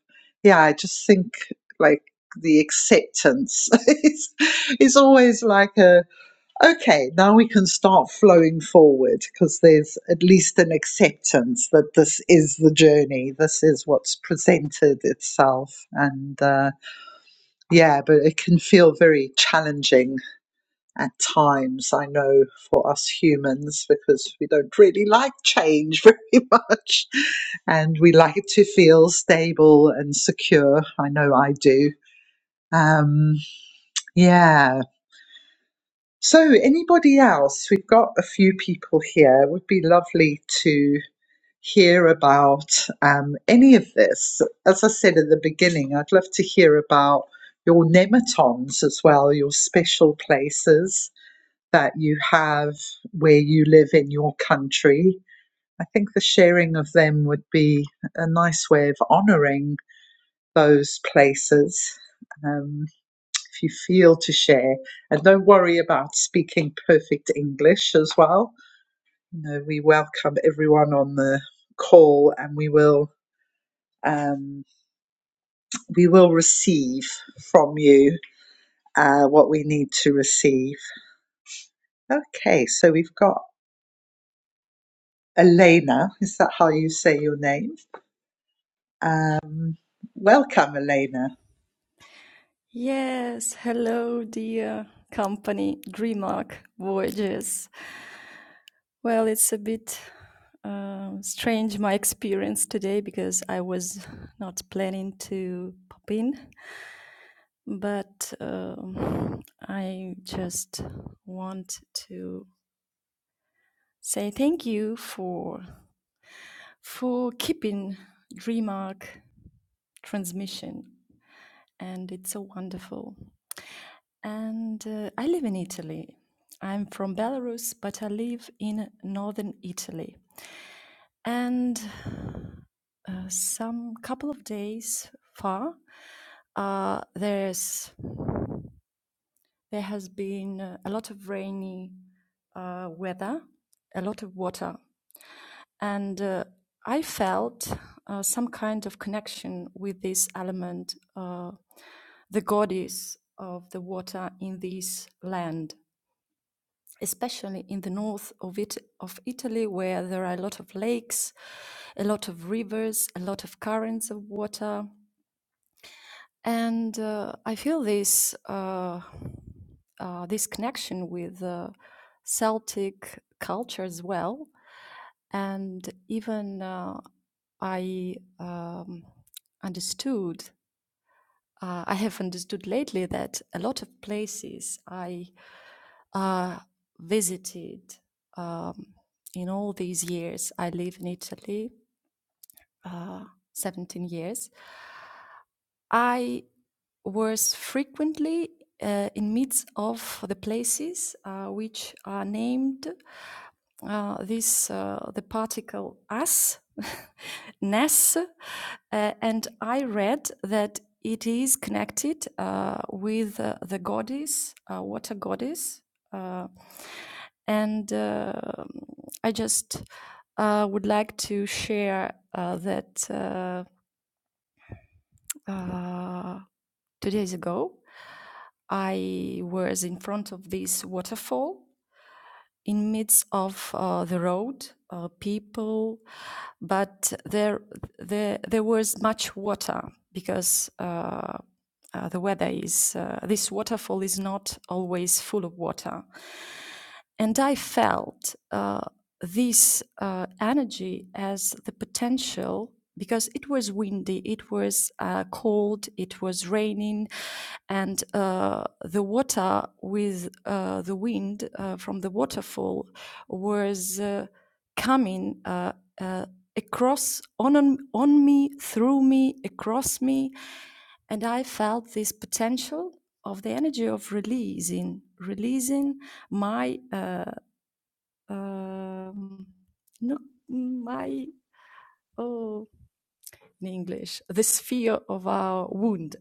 S1: yeah, I just think like the acceptance is, is always like a okay, now we can start flowing forward because there's at least an acceptance that this is the journey, this is what's presented itself. And uh, yeah, but it can feel very challenging at times, I know, for us humans because we don't really like change very much and we like to feel stable and secure. I know I do. Um, yeah, So, anybody else? We've got a few people here. It would be lovely to hear about um, any of this. As I said at the beginning, I'd love to hear about your nematons as well, your special places that you have where you live in your country. I think the sharing of them would be a nice way of honouring those places. Um, if you feel to share. And don't worry about speaking perfect English as well. You know, we welcome everyone on the call and we will um, we will receive from you uh, what we need to receive. Okay, so we've got Elena. Is that how you say your name? Um, welcome, Elena.
S5: Yes, hello, dear company Dreamark Voyages. Well, it's a bit um strange my experience today because I was not planning to pop in, but um, I just want to say thank you for for keeping Dreamark transmission, and it's so wonderful. And uh, I live in Italy. I'm from Belarus, but I live in northern Italy. And uh, some couple of days far, uh, there's there has been uh, a lot of rainy uh, weather, a lot of water, and uh, I felt uh, some kind of connection with this element, uh, the goddess of the water in this land especially in the north of it of Italy, where there are a lot of lakes, a lot of rivers, a lot of currents of water, and uh, I feel this uh, uh, this connection with uh, Celtic culture as well, and even uh, I um, understood uh, I have understood lately that a lot of places I uh, visited um, in all these years, I live in Italy uh, 17 years. I was frequently uh, in midst of the places uh, which are named uh, this uh, the particle as ness, uh, and I read that it is connected uh, with uh, the goddess, uh, water goddess, uh, and uh, I just uh, would like to share uh, that uh, uh, two days ago, I was in front of this waterfall in midst of uh, the road, uh, people, but there, there, there was much water because uh, uh, the weather is, uh, this waterfall is not always full of water. And I felt uh, this uh, energy as the potential because it was windy, it was uh, cold, it was raining, and uh, the water with uh, the wind uh, from the waterfall was uh, coming uh, uh, across on, on on me, through me, across me, and I felt this potential of the energy of releasing, releasing my. Uh, um, no, my oh, in English, the sphere of our wound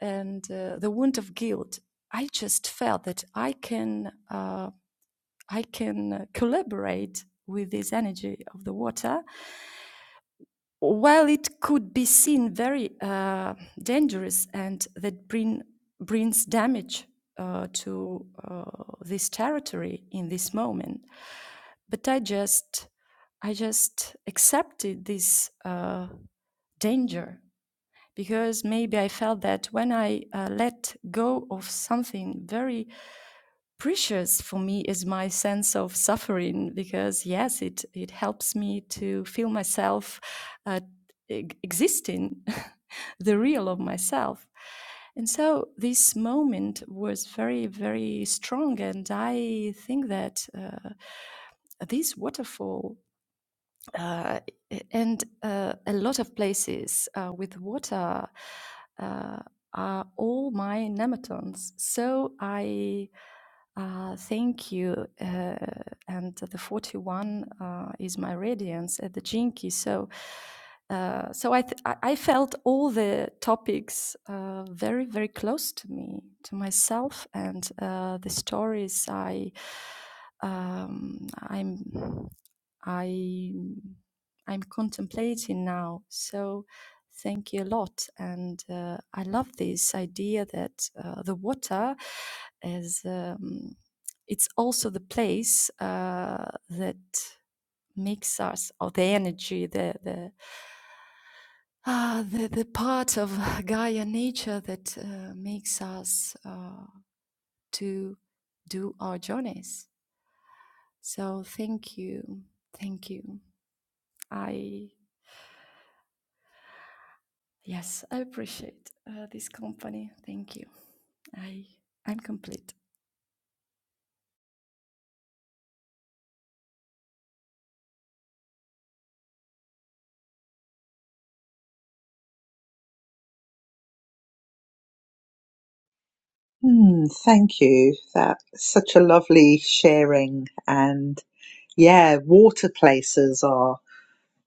S5: and uh, the wound of guilt. I just felt that I can uh, I can collaborate with this energy of the water while it could be seen very uh, dangerous and that bring, brings damage uh, to uh, this territory in this moment, but I just I just accepted this uh, danger because maybe I felt that when I uh, let go of something very precious for me is my sense of suffering because yes it it helps me to feel myself uh, e- existing the real of myself and so this moment was very very strong and i think that uh, this waterfall uh, and uh, a lot of places uh, with water uh, are all my nematodes. So I uh, thank you. Uh, and the 41 uh, is my radiance at the Jinki. So, uh, so I, th- I felt all the topics uh, very, very close to me, to myself, and uh, the stories I um, I'm I I'm contemplating now. So thank you a lot, and uh, I love this idea that uh, the water is um, it's also the place uh, that makes us or the energy the the ah, the, the part of Gaia nature that uh, makes us uh, to do our journeys. So thank you, thank you. I Yes, I appreciate uh, this company. Thank you. I I'm complete.
S1: Hmm, thank you. That's such a lovely sharing. And yeah, water places are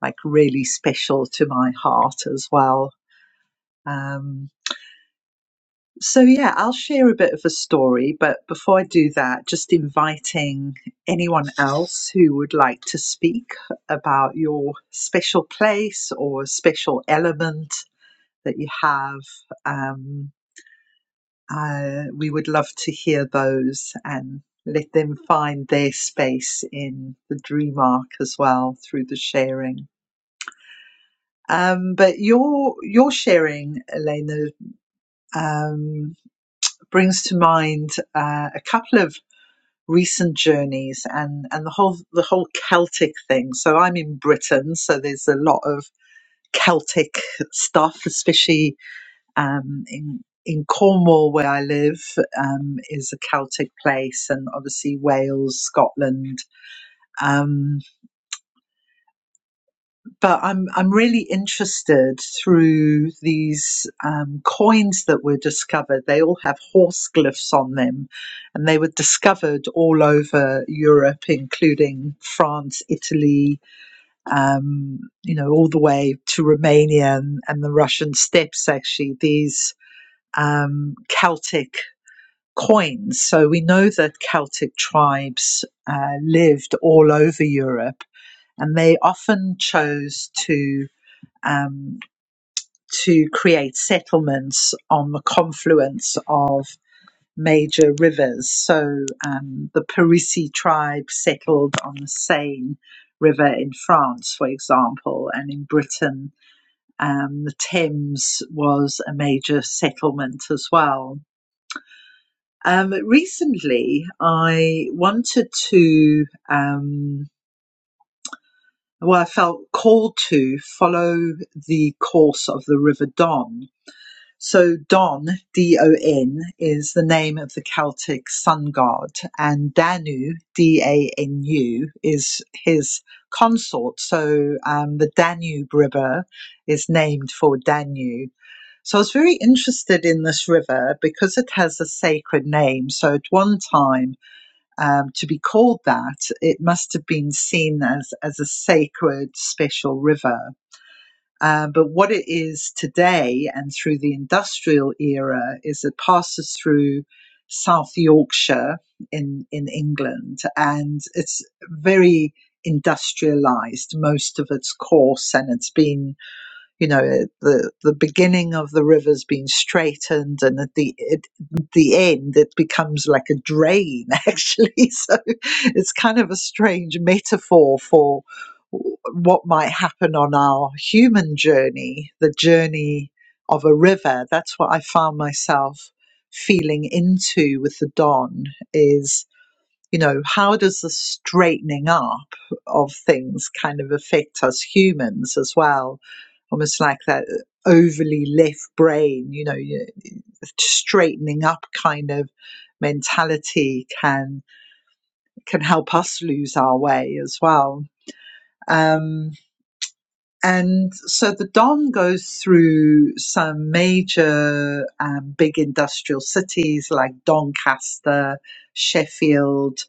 S1: like really special to my heart as well. Um, so yeah, I'll share a bit of a story, but before I do that, just inviting anyone else who would like to speak about your special place or special element that you have. Um, uh, we would love to hear those and let them find their space in the dream arc as well through the sharing. Um, but your your sharing, Elena, um, brings to mind uh, a couple of recent journeys and and the whole the whole Celtic thing. So I'm in Britain, so there's a lot of Celtic stuff, especially um, in in Cornwall where I live um, is a Celtic place, and obviously Wales, Scotland. Um, but I'm I'm really interested through these um, coins that were discovered. They all have horse glyphs on them, and they were discovered all over Europe, including France, Italy, um, you know, all the way to Romania and, and the Russian steppes. Actually, these um, Celtic coins. So we know that Celtic tribes uh, lived all over Europe, and they often chose to um, to create settlements on the confluence of major rivers. So um, the Parisi tribe settled on the Seine River in France, for example, and in Britain, um, the Thames was a major settlement as well. Um, recently, I wanted to, um, well, I felt called to follow the course of the River Don So Don, D-O-N, is the name of the Celtic sun god, and Danu, D-A-N-U, is his consort. So um, the Danube River is named for Danu. So I was very interested in this river because it has a sacred name. So at one time, um, to be called that, it must have been seen as, as a sacred, special river. Uh, but what it is today and through the industrial era is it passes through South Yorkshire in, in England and it's very industrialized, most of its course, and it's been you know the the beginning of the river's being straightened and at the it, the end it becomes like a drain actually so it's kind of a strange metaphor for what might happen on our human journey the journey of a river that's what i found myself feeling into with the don is you know, how does the straightening up of things kind of affect us humans as well? Almost like that uh, overly left brain, you know, straightening up kind of mentality can can help us lose our way as well. Um, and so the Don goes through some major um, big industrial cities like Doncaster, Sheffield,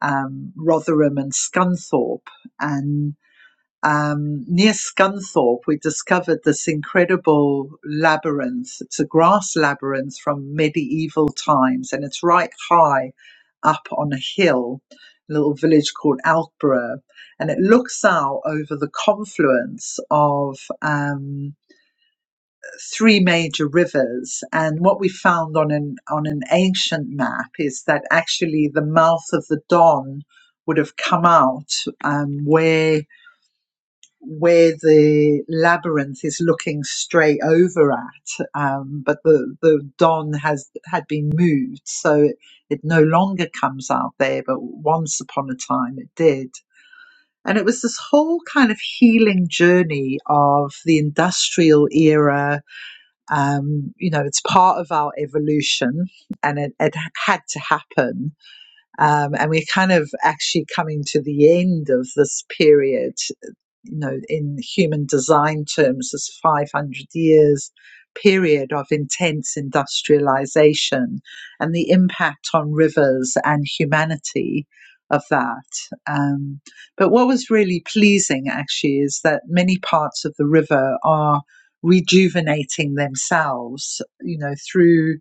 S1: um, Rotherham and Scunthorpe. And um, near Scunthorpe, we discovered this incredible labyrinth. It's a grass labyrinth from medieval times, and it's right high up on a hill, a little village called Alkborough. And it looks out over the confluence of. Um, three major rivers. And what we found on an on an ancient map is that actually the mouth of the Don would have come out um, where where the labyrinth is looking straight over at, um, but the the Don has had been moved, so it it no longer comes out there. But once upon a time, it did. And it was this whole kind of healing journey of the industrial era, um, you know, it's part of our evolution and it, it had to happen um, and we're kind of actually coming to the end of this period, you know, in human design terms, this 500 years period of intense industrialization and the impact on rivers and humanity of that. Um, but what was really pleasing actually is that many parts of the river are rejuvenating themselves, you know, through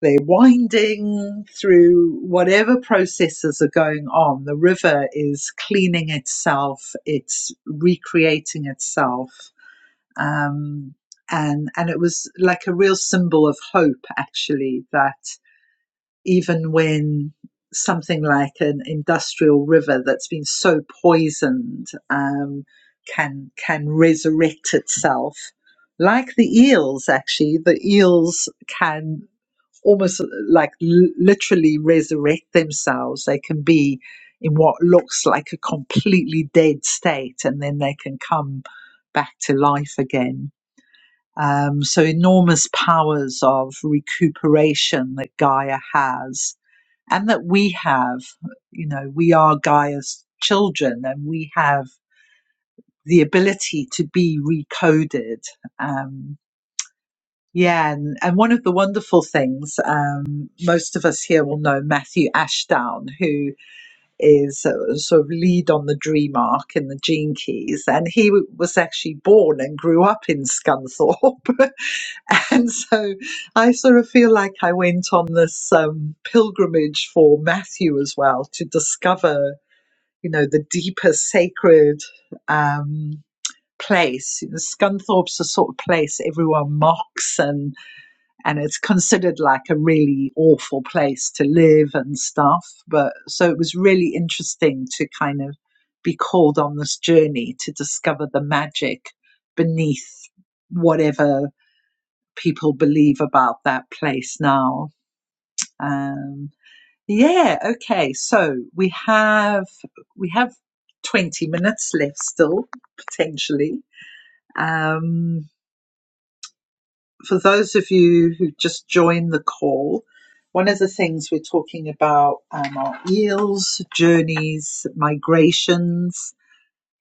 S1: they're winding through whatever processes are going on. The river is cleaning itself, it's recreating itself. Um, and, and it was like a real symbol of hope, actually, that even when something like an industrial river that's been so poisoned um, can can resurrect itself like the eels actually the eels can almost uh, like l- literally resurrect themselves. They can be in what looks like a completely dead state and then they can come back to life again. Um, so, enormous powers of recuperation that Gaia has and that we have. You know, we are Gaia's children and we have the ability to be recoded. Um, yeah, and, and one of the wonderful things, um, most of us here will know Matthew Ashdown, who is a sort of lead on the Dream Arc in the Gene Keys, and he w- was actually born and grew up in Scunthorpe. and so I sort of feel like I went on this um, pilgrimage for Matthew as well to discover, you know, the deeper sacred um, place. Scunthorpe's the sort of place everyone mocks and and it's considered like a really awful place to live and stuff. But so it was really interesting to kind of be called on this journey to discover the magic beneath whatever people believe about that place now. Um, yeah, okay. So we have we have twenty minutes left still potentially. Um, for those of you who just joined the call, one of the things we're talking about um, are eels, journeys, migrations.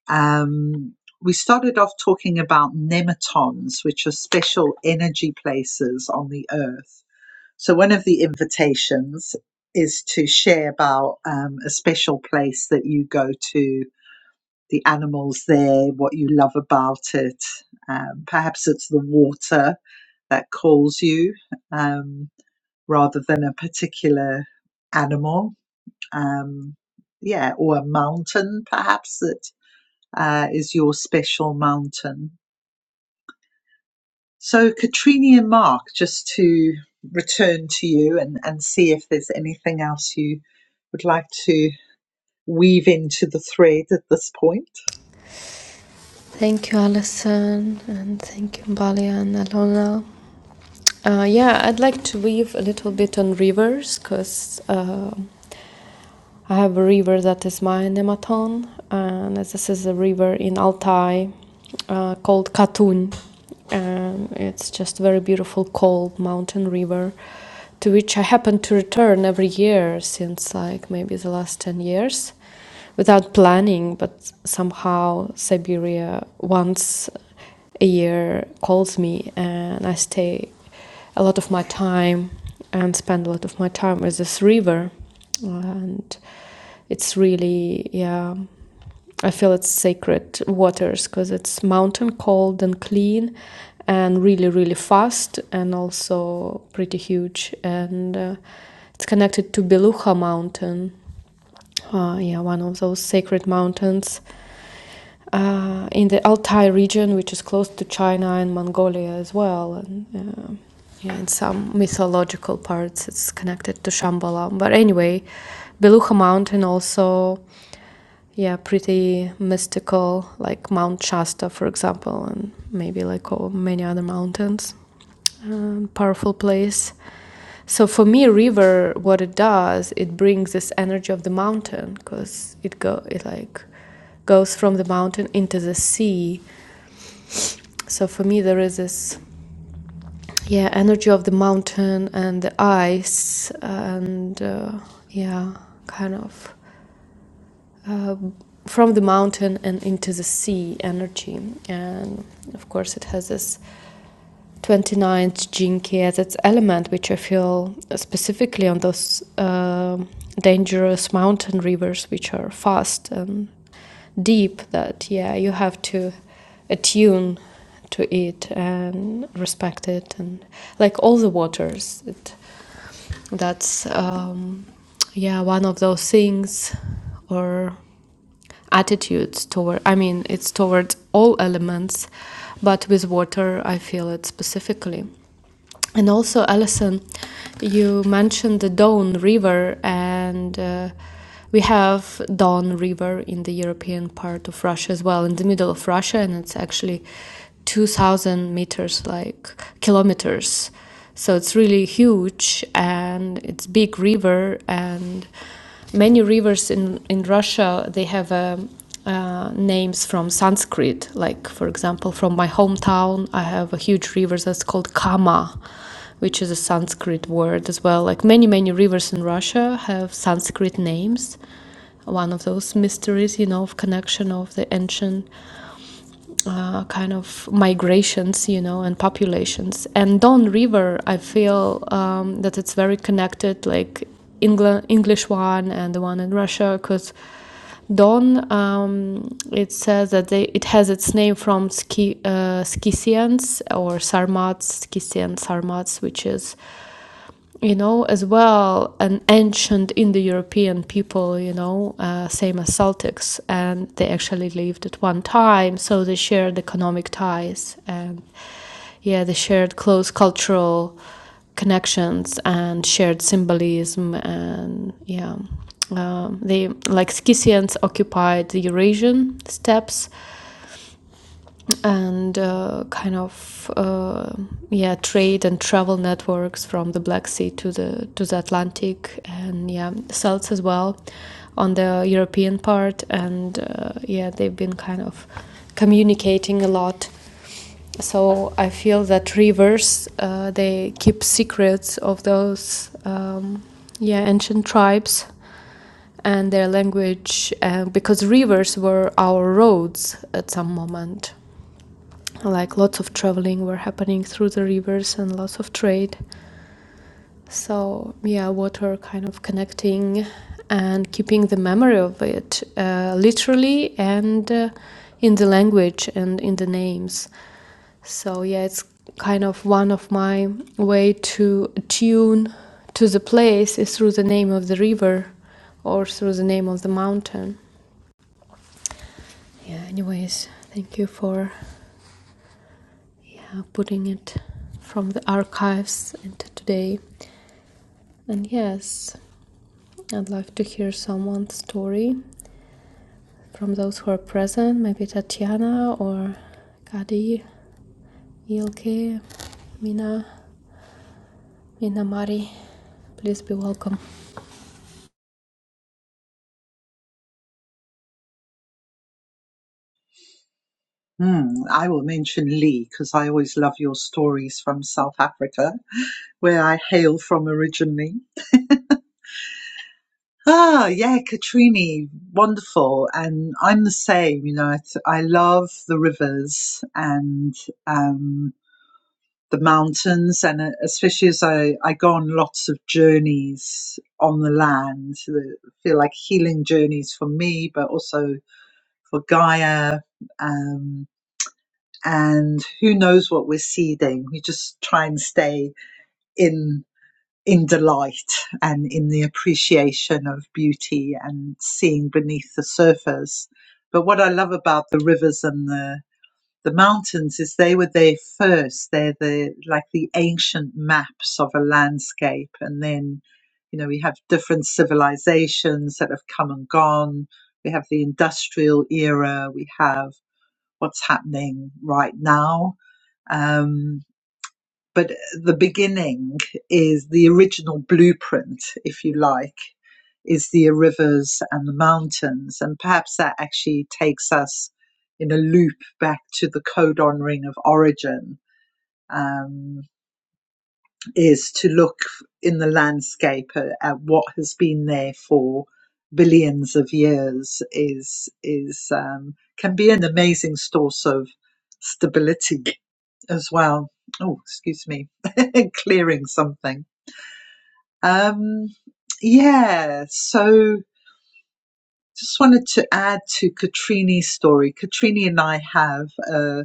S1: Um, we started off talking about nematons, which are special energy places on the earth. So, one of the invitations is to share about um, a special place that you go to, the animals there, what you love about it. Um, perhaps it's the water that calls you um, rather than a particular animal. Um, yeah, or a mountain perhaps that uh, is your special mountain. So, Katrini and Mark, just to return to you and, and see if there's anything else you would like to weave into the thread at this point.
S2: Thank you, Alison, and thank you, Balia and Alona. Uh, yeah, I'd like to weave a little bit on rivers because uh, I have a river that is my nematon, and this is a river in Altai uh, called Katun. Um, it's just a very beautiful, cold mountain river to which I happen to return every year since like maybe the last 10 years without planning, but somehow Siberia once a year calls me and I stay a lot of my time and spend a lot of my time with this river. And it's really, yeah, I feel it's sacred waters because it's mountain cold and clean and really, really fast and also pretty huge. And uh, it's connected to Beluga Mountain, uh, yeah, one of those sacred mountains uh, in the Altai region, which is close to China and Mongolia as well. And, uh, yeah, in some mythological parts, it's connected to Shambhala. But anyway, Beluga Mountain also yeah, pretty mystical, like Mount Shasta, for example, and maybe like oh, many other mountains. Um, powerful place. So for me, river, what it does, it brings this energy of the mountain because it go it like goes from the mountain into the sea. So for me, there is this yeah energy of the mountain and the ice and uh, yeah, kind of uh, from the mountain and into the sea energy. And of course, it has this twenty ninth jinki as its element, which I feel specifically on those uh, dangerous mountain rivers, which are fast and deep, that yeah, you have to attune to it and respect it and like all the waters it, that's um, yeah one of those things or attitudes toward i mean it's towards all elements but with water i feel it specifically and also alison you mentioned the don river and uh, we have don river in the european part of russia as well in the middle of russia and it's actually 2000 meters like kilometers so it's really huge and it's big river and many rivers in, in Russia, they have um, uh, names from Sanskrit. Like, for example, from my hometown, I have a huge river that's called Kama, which is a Sanskrit word as well. Like, many, many rivers in Russia have Sanskrit names. One of those mysteries, you know, of connection of the ancient uh, kind of migrations, you know, and populations. And Don River, I feel um, that it's very connected, like England, English one and the one in Russia, because Don, um, it says that they, it has its name from Ski, uh, Skisians or Sarmats, Skisian Sarmats, which is you know, as well, an ancient Indo-European people, you know, uh, same as Celtics, and they actually lived at one time, so they shared economic ties, and yeah, they shared close cultural connections and shared symbolism, and yeah, um, they like Scythians occupied the Eurasian steppes and uh, kind of uh, yeah trade and travel networks from the Black Sea to the to the Atlantic and yeah celts as well on the European part and uh, yeah they've been kind of communicating a lot so I feel that rivers uh, they keep secrets of those um, yeah ancient tribes and their language uh, because rivers were our roads at some moment like lots of traveling were happening through the rivers and lots of trade so yeah water kind of connecting and keeping the memory of it uh, literally and uh, in the language and in the names so yeah it's kind of one of my way to tune to the place is through the name of the river or through the name of the mountain yeah anyways thank you for yeah putting it from the archives into today and yes i'd love to hear someone's story from those who are present maybe tatiana or kadi ilke mina mina mari please be welcome
S1: Hmm, I will mention Lee because I always love your stories from South Africa, where I hail from originally. Ah, yeah, Katrini, wonderful. And I'm the same, you know, I, th- I love the rivers and, um, the mountains and uh, especially as I, I go on lots of journeys on the land that feel like healing journeys for me but also for gaia um, and who knows what we're seeding we just try and stay in in delight and in the appreciation of beauty and seeing beneath the surface but what i love about the rivers and the the mountains is they were there first. They're the like the ancient maps of a landscape, and then you know we have different civilizations that have come and gone. We have the industrial era. We have what's happening right now. Um, but the beginning is the original blueprint, if you like, is the rivers and the mountains. And perhaps that actually takes us in a loop back to the codon ring of origin, um, is to look in the landscape at, at what has been there for billions of years is is um, can be an amazing source of stability as well. Oh, excuse me, clearing something. Um, yeah, so just wanted to add to Katrini's story. Katrini and I have uh,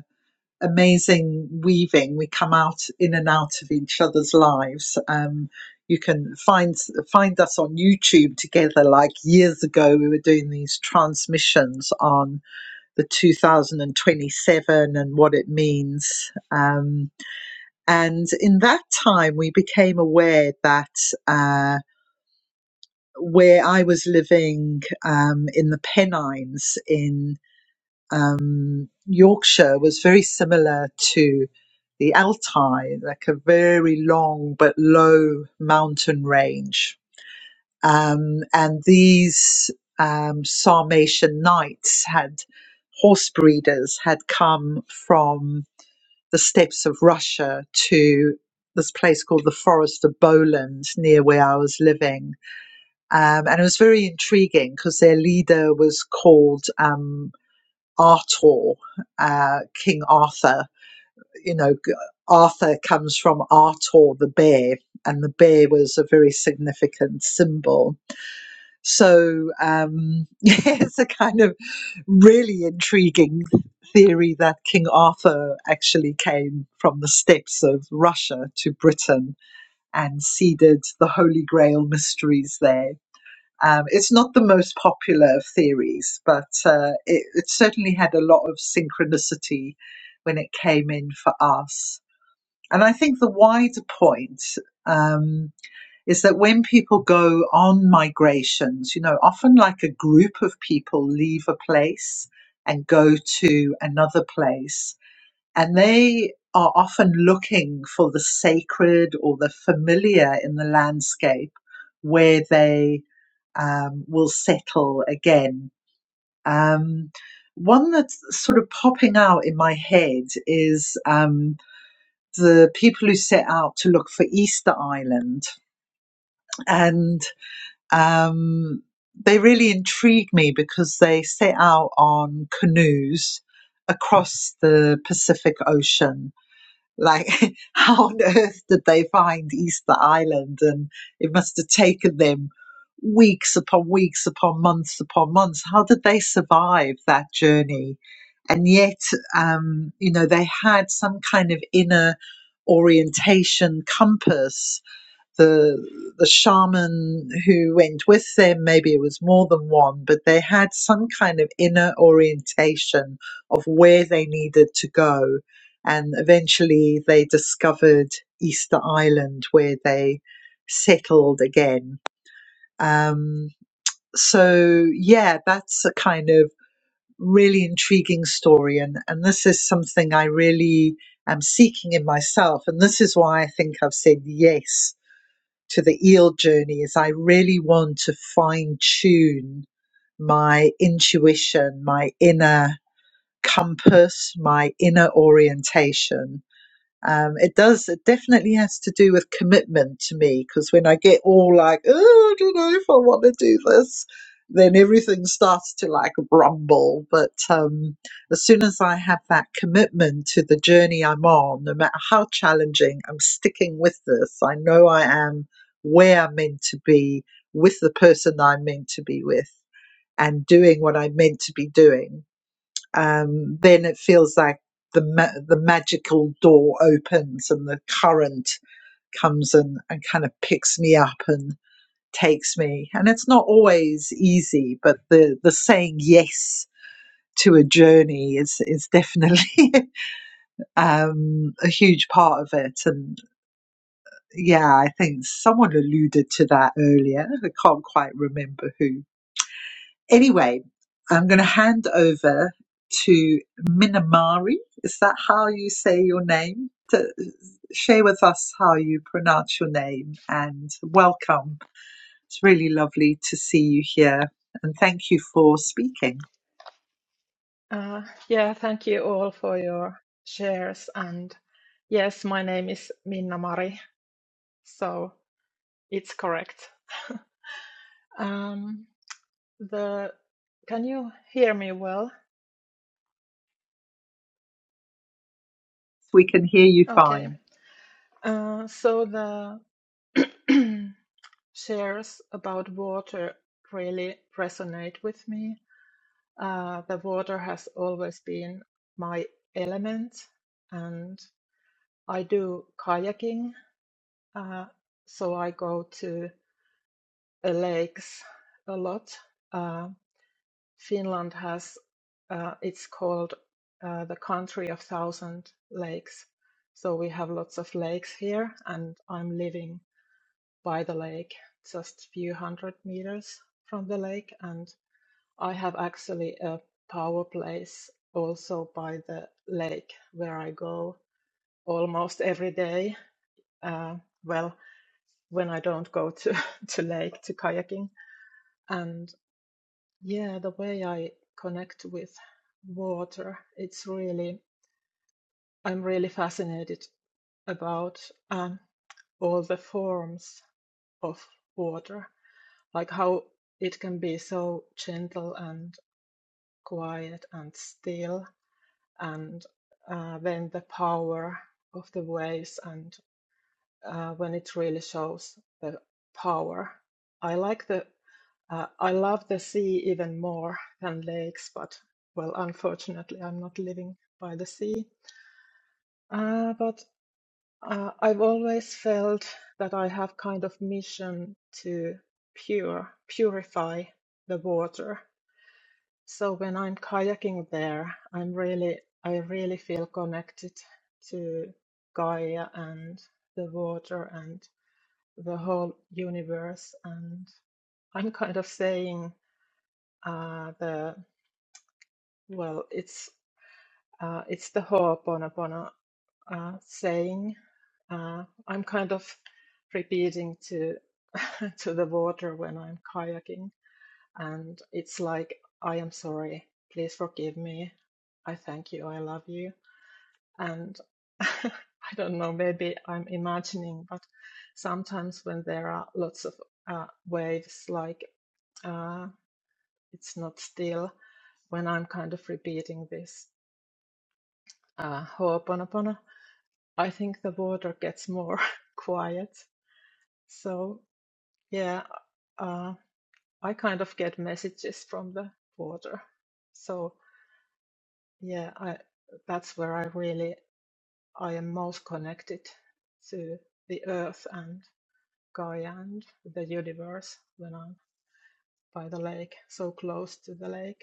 S1: amazing weaving. We come out in and out of each other's lives. Um, you can find find us on YouTube together. Like years ago, we were doing these transmissions on the 2027 and what it means. Um, And in that time, we became aware that uh, where I was living um, in the Pennines in um, Yorkshire was very similar to the Altai, like a very long but low mountain range. Um, and these um, Sarmatian knights had horse breeders had come from the steppes of Russia to this place called the Forest of Boland near where I was living. Um, and it was very intriguing because their leader was called um, Artor, uh, King Arthur. You know, Arthur comes from Artor the bear, and the bear was a very significant symbol so, um, yeah, it's a kind of really intriguing theory that King Arthur actually came from the steppes of Russia to Britain and seeded the Holy Grail mysteries there. Um, it's not the most popular of theories, but uh, it, it certainly had a lot of synchronicity when it came in for us. And I think the wider point. Um, is that when people go on migrations, you know, often like a group of people leave a place and go to another place, and they are often looking for the sacred or the familiar in the landscape where they um, will settle again. Um, one that's sort of popping out in my head is um, the people who set out to look for Easter Island. And Um, they really intrigue me because they set out on canoes across the Pacific Ocean. Like, how on earth did they find Easter Island? And it must have taken them weeks upon weeks upon months upon months. How did they survive that journey? And yet, um, you know, they had some kind of inner orientation compass the the shaman who went with them maybe it was more than one but they had some kind of inner orientation of where they needed to go and eventually they discovered easter island where they settled again um, so yeah that's a kind of really intriguing story and, and this is something i really am seeking in myself and this is why i think i've said yes to the eel journey is I really want to fine tune my intuition, my inner compass, my inner orientation um, it does, it definitely has to do with commitment to me because when I get all like, oh, I don't know if I want to do this, then everything starts to like rumble. But um, as soon as I have that commitment to the journey I'm on, no matter how challenging, I'm sticking with this. I know I am where I'm meant to be with the person I'm meant to be with and doing what I'm meant to be doing um, then it feels like the ma- the magical door opens and the current comes and and kind of picks me up and takes me. And it's not always easy, but the the saying yes to a journey is is definitely um, a huge part of it. And yeah, I think someone alluded to that earlier. I can't quite remember who, Anyway, I'm going to hand over to Minamari. Is that how you say your name? To share with us how you pronounce your name and welcome. It's really lovely to see you here and thank you for speaking.
S6: Uh, yeah, thank you all for your shares. And yes, my name is Minna Mari, so it's correct. Um, the can you hear me well?
S1: We can hear you
S6: Okay.
S1: fine.
S6: Uh, so the shares about water really resonate with me. Uh, the water has always been my element, and I do kayaking. Uh, so I go to uh, lakes a lot. Uh, Finland has, uh, it's called uh, the country of thousand lakes. So we have lots of lakes here, and I'm living by the lake, just few hundred meters from the lake. And I have actually a power place also by the lake where I go almost every day. Uh, well, when I don't go to, to lake to kayaking and. Yeah, the way I connect with water, it's really, I'm really fascinated about um, all the forms of water, like how it can be so gentle and quiet and still, and uh, then the power of the waves. and. uh, when it really shows the power. I like the uh, I love the sea even more than lakes, but well, unfortunately, I'm not living by the sea. Uh, but uh, I've always felt that I have kind of mission to pure purify the water. So when I'm kayaking there, I'm really I really feel connected to Gaia and the water and the whole universe. And I'm kind of saying uh, the well, it's uh, it's the Ho'oponopono uh, saying. Uh, I'm kind of repeating to to the water when I'm kayaking, and it's like, I am sorry, please forgive me, I thank you, I love you. and I don't know, maybe I'm imagining, but sometimes when there are lots of uh, waves, like uh, it's not still, when I'm kind of repeating this uh, Ho'oponopono, I think the water gets more quiet. So, yeah, uh, I kind of get messages from the water. So, yeah, I, that's where I really I am most connected to the earth and Guyand, the universe went on by the lake, so close to the lake.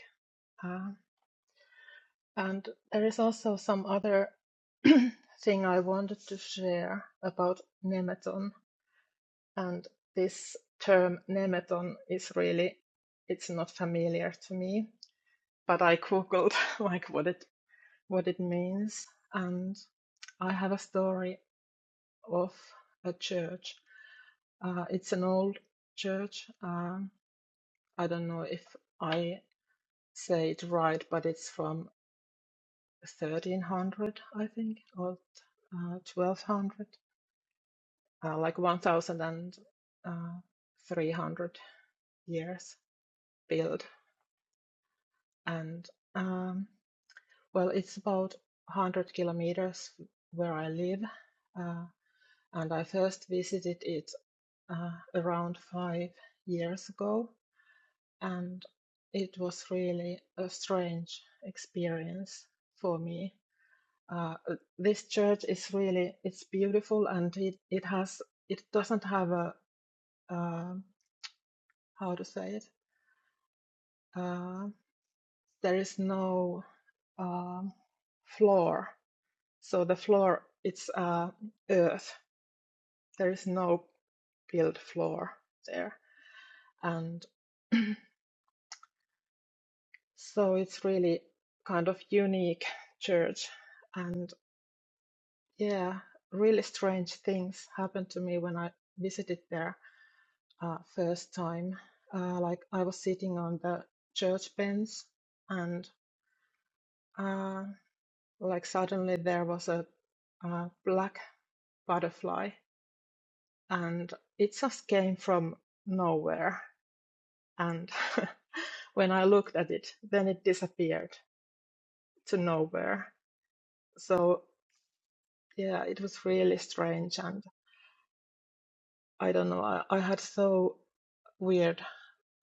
S6: Uh, and there is also some other thing I wanted to share about nemeton. And this term nemeton is really, it's not familiar to me, but I googled like what it what it means, and I have a story of a church. Uh, it's an old church. Um, I don't know if I say it right, but it's from 1300, I think, or uh, 1200, uh, like 1,300 years built. And um, well, it's about 100 kilometers where I live. Uh, and I first visited it uh, around five years ago, and it was really a strange experience for me uh, this church is really it's beautiful and it, it has it doesn't have a uh, how to say it uh, there is no um floor so the floor it's uh, earth there is no built floor there and so it's really kind of unique church and yeah really strange things happened to me when I visited there uh, first time. Uh, like I was sitting on the church bench, and uh, like suddenly there was a, uh black butterfly, and it just came from nowhere. And when I looked at it, then it disappeared to nowhere. So yeah, it was really strange, and I don't know. I, I had so weird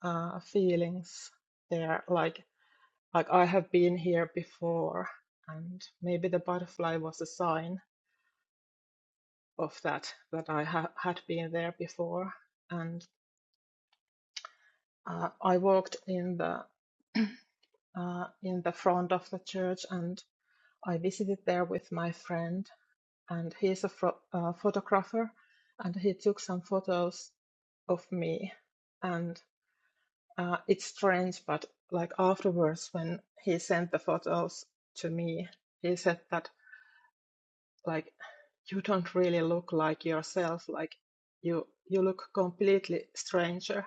S6: uh, feelings there, like Like I have been here before, and maybe the butterfly was a sign of that, that I ha had been there before. And uh, I walked in the uh, in the front of the church, and I visited there with my friend, and he's a pho- uh, photographer, and he took some photos of me, and uh, it's strange, but like afterwards, when he sent the photos to me, he said that. like you don't really look like yourself like you you look completely stranger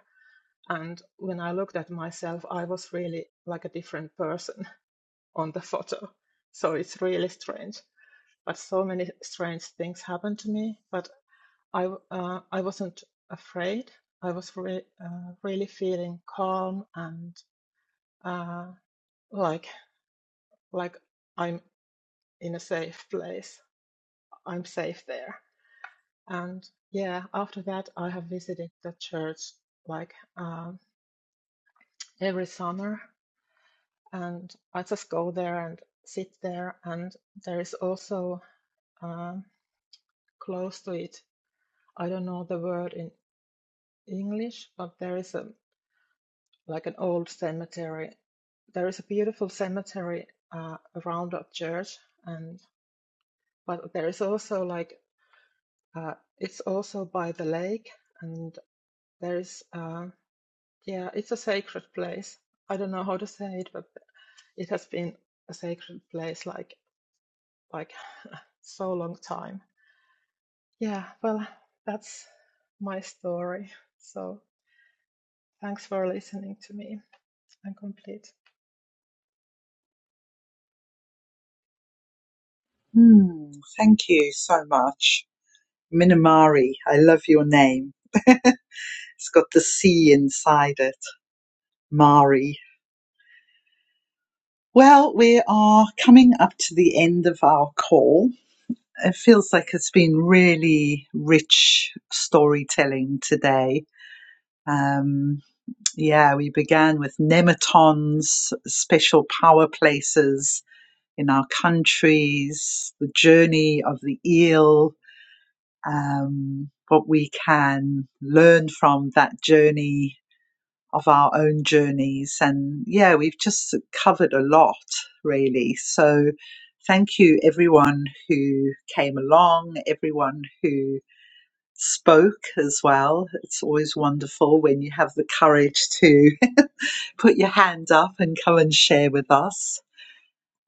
S6: and when i looked at myself i was really like a different person on the photo so it's really strange but so many strange things happened to me but I, uh, i wasn't afraid i was re- uh, really feeling calm and uh, like like i'm in a safe place i'm safe there And yeah, after that, I have visited the church like um, every summer, and I just go there and sit there. And there is also um close to it, I don't know the word in English, but there is a like an old cemetery. There is a beautiful cemetery uh, around our church, and but there is also like uh, it's also by the lake, and there is. uh, Yeah, it's a sacred place. I don't know how to say it, but it has been a sacred place like like so long time. Yeah, well, that's my story. So thanks for listening to me. I'm complete.
S1: Hmm, thank you so much. Minamari, I love your name. It's got the C inside it. Mari. Well, we are coming up to the end of our call. It feels like it's been really rich storytelling today. Um, yeah, we began with nematons, special power places in our countries, the journey of the eel, um, what we can learn from that journey of our own journeys. And yeah, we've just covered a lot, really. So thank you, everyone who came along, everyone who spoke as well. It's always wonderful when you have the courage to put your hand up and come and share with us.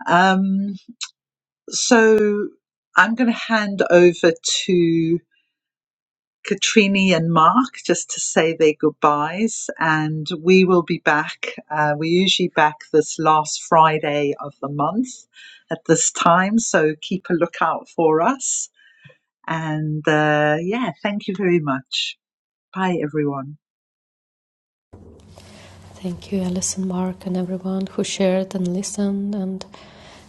S1: Um, so I'm going to hand over to Katrini and Mark just to say their goodbyes, and we will be back. Uh, we're usually back this last Friday of the month at this time, so keep a lookout for us. And uh, yeah, thank you very much. Bye, everyone.
S2: thank you alison mark and everyone who shared and listened and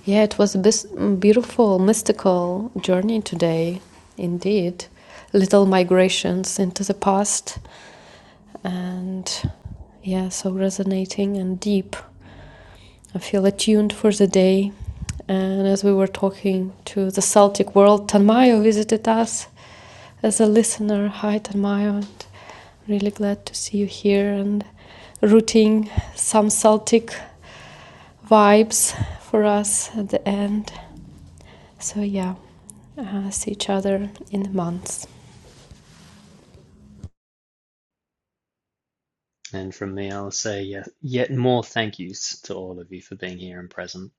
S2: yeah it was a bis- beautiful mystical journey today indeed little migrations into the past and yeah, so resonating and deep. I feel attuned for the day. And as we were talking to the Celtic world, Tanmayo visited us as a listener. Hi, Tanmayo. And really glad to see you here and rooting some Celtic vibes for us at the end. So, yeah, uh, see each other in the months.
S3: And from me, I'll say yet, yet more thank yous to all of you for being here and present.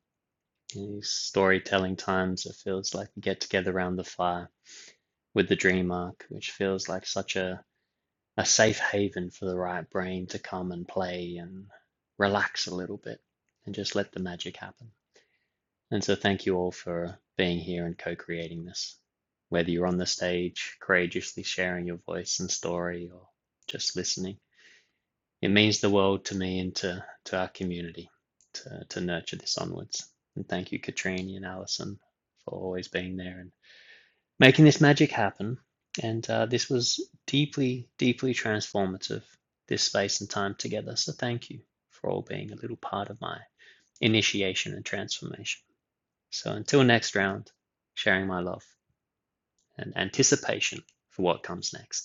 S3: In these storytelling times, it feels like we get together around the fire with the dream arc, which feels like such a, a safe haven for the right brain to come and play and relax a little bit and just let the magic happen. And so, thank you all for being here and co creating this. Whether you're on the stage, courageously sharing your voice and story, or just listening. it means the world to me and to, to our community to, to nurture this onwards. And thank you, Katrini and Alison, for always being there and making this magic happen. And uh, this was deeply, deeply transformative, this space and time together. So thank you for all being a little part of my initiation and transformation. So until next round, sharing my love and anticipation for what comes next.